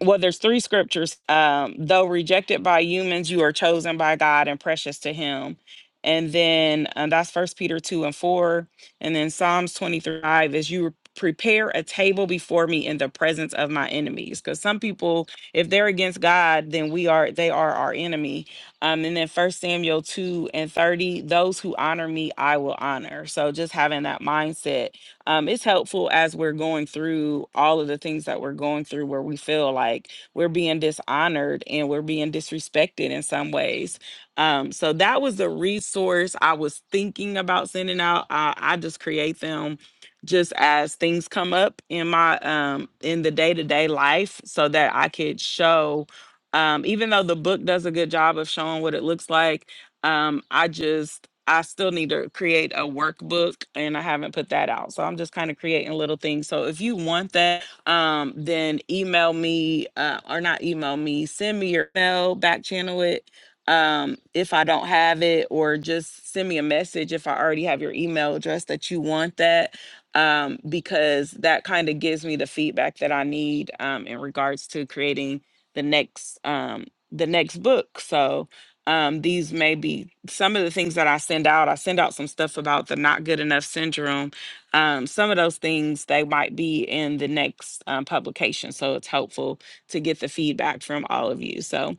[SPEAKER 1] well there's three scriptures um though rejected by humans you are chosen by god and precious to him and then um, that's first peter 2 and 4 and then psalms 23 five is you prepare a table before me in the presence of my enemies because some people if they're against god then we are they are our enemy um and then first samuel 2 and 30 those who honor me i will honor so just having that mindset um, it's helpful as we're going through all of the things that we're going through where we feel like we're being dishonored and we're being disrespected in some ways. Um, so that was the resource I was thinking about sending out. I, I just create them just as things come up in my um in the day-to-day life so that I could show um even though the book does a good job of showing what it looks like um, I just I still need to create a workbook and I haven't put that out. So I'm just kind of creating little things. So if you want that, um, then email me uh, or not email me, send me your email, back channel it. Um, if I don't have it, or just send me a message if I already have your email address that you want that, um, because that kind of gives me the feedback that I need um, in regards to creating the next um, the next book. So um, these may be some of the things that I send out. I send out some stuff about the not good enough syndrome. Um, some of those things they might be in the next um, publication, so it's helpful to get the feedback from all of you. So,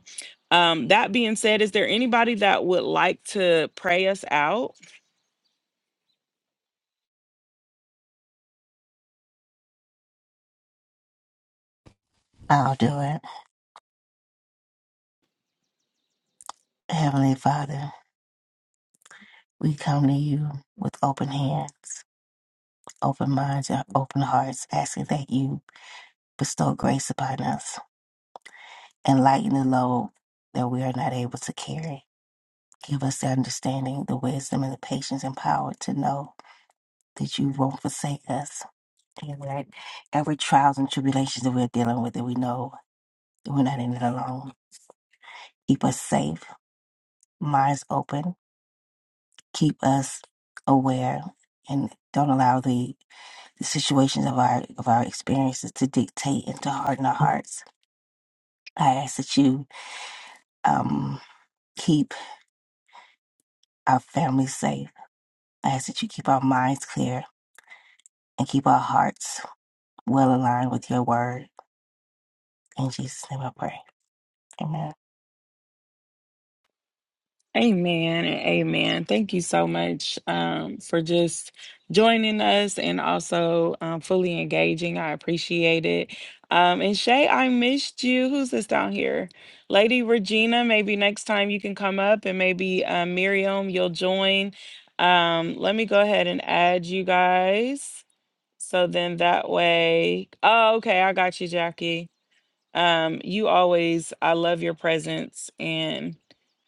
[SPEAKER 1] um, that being said, is there anybody that would like to pray us out?
[SPEAKER 7] I'll do it. Heavenly Father, we come to you with open hands, open minds, and open hearts, asking that you bestow grace upon us and lighten the load that we are not able to carry. Give us the understanding, the wisdom, and the patience and power to know that you won't forsake us And that every trials and tribulations that we're dealing with, that we know that we're not in it alone. Keep us safe, minds open, keep us aware, and don't allow the, the situations of our of our experiences to dictate and to harden our hearts. I ask that you um, keep our families safe. I ask that you keep our minds clear and keep our hearts well aligned with your word. In Jesus' name I pray. Amen.
[SPEAKER 1] Amen and amen. Thank you so much um, for just joining us and also um, fully engaging. I appreciate it. Um, and Shay, I missed you. Who's this down here? Lady Regina, maybe next time you can come up and maybe uh, Miriam, you'll join. Um, let me go ahead and add you guys. So then that way, oh, okay, I got you, Jackie. Um, you always, I love your presence and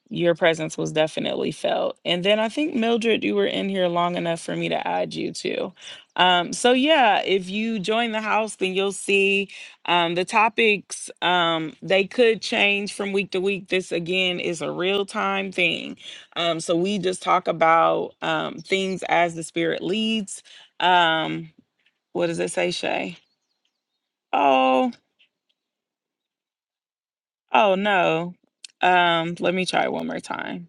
[SPEAKER 1] your presence was definitely felt. And then I think Mildred, you were in here long enough for me to add you too. Um, so yeah, if you join the house, then you'll see um, the topics. Um, they could change from week to week. This again is a real time thing. Um, so we just talk about um, things as the Spirit leads. Um, what does it say, Shay? Oh, oh no. Um, let me try one more time.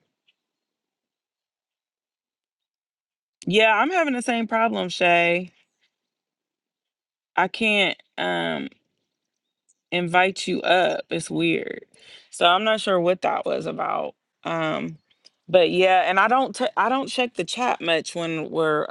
[SPEAKER 1] Yeah, I'm having the same problem, Shay. I can't um invite you up. It's weird. So I'm not sure what that was about. Um but yeah, and I don't t- I don't check the chat much when we're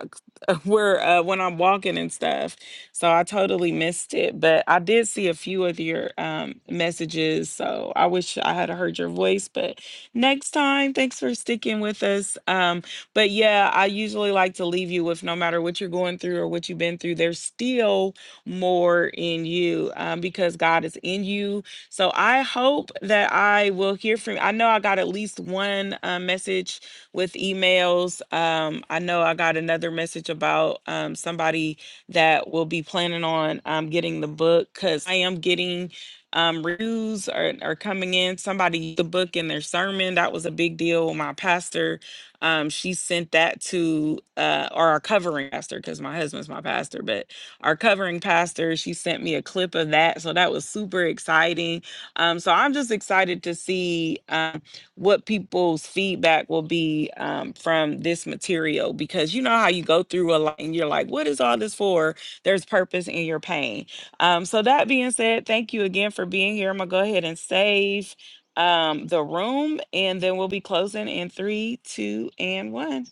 [SPEAKER 1] we're uh when I'm walking and stuff. So I totally missed it, but I did see a few of your um messages. So I wish I had heard your voice, but next time, thanks for sticking with us. Um but yeah, I usually like to leave you with no matter what you're going through or what you've been through, there's still more in you um, because God is in you. So I hope that I will hear from I know I got at least one uh, message with emails. Um, I know I got another message about um, somebody that will be planning on um, getting the book because I am getting um, reviews are, are coming in. Somebody used the book in their sermon. That was a big deal. My pastor, um, she sent that to uh, or our covering pastor because my husband's my pastor, but our covering pastor. She sent me a clip of that. So that was super exciting. Um, so I'm just excited to see um, what people's feedback will be um, from this material because you know how you go through a lot and you're like, what is all this for? There's purpose in your pain. Um, so that being said, thank you again for being here. I'm going to go ahead and save um, the room, and then we'll be closing in three, two, and one.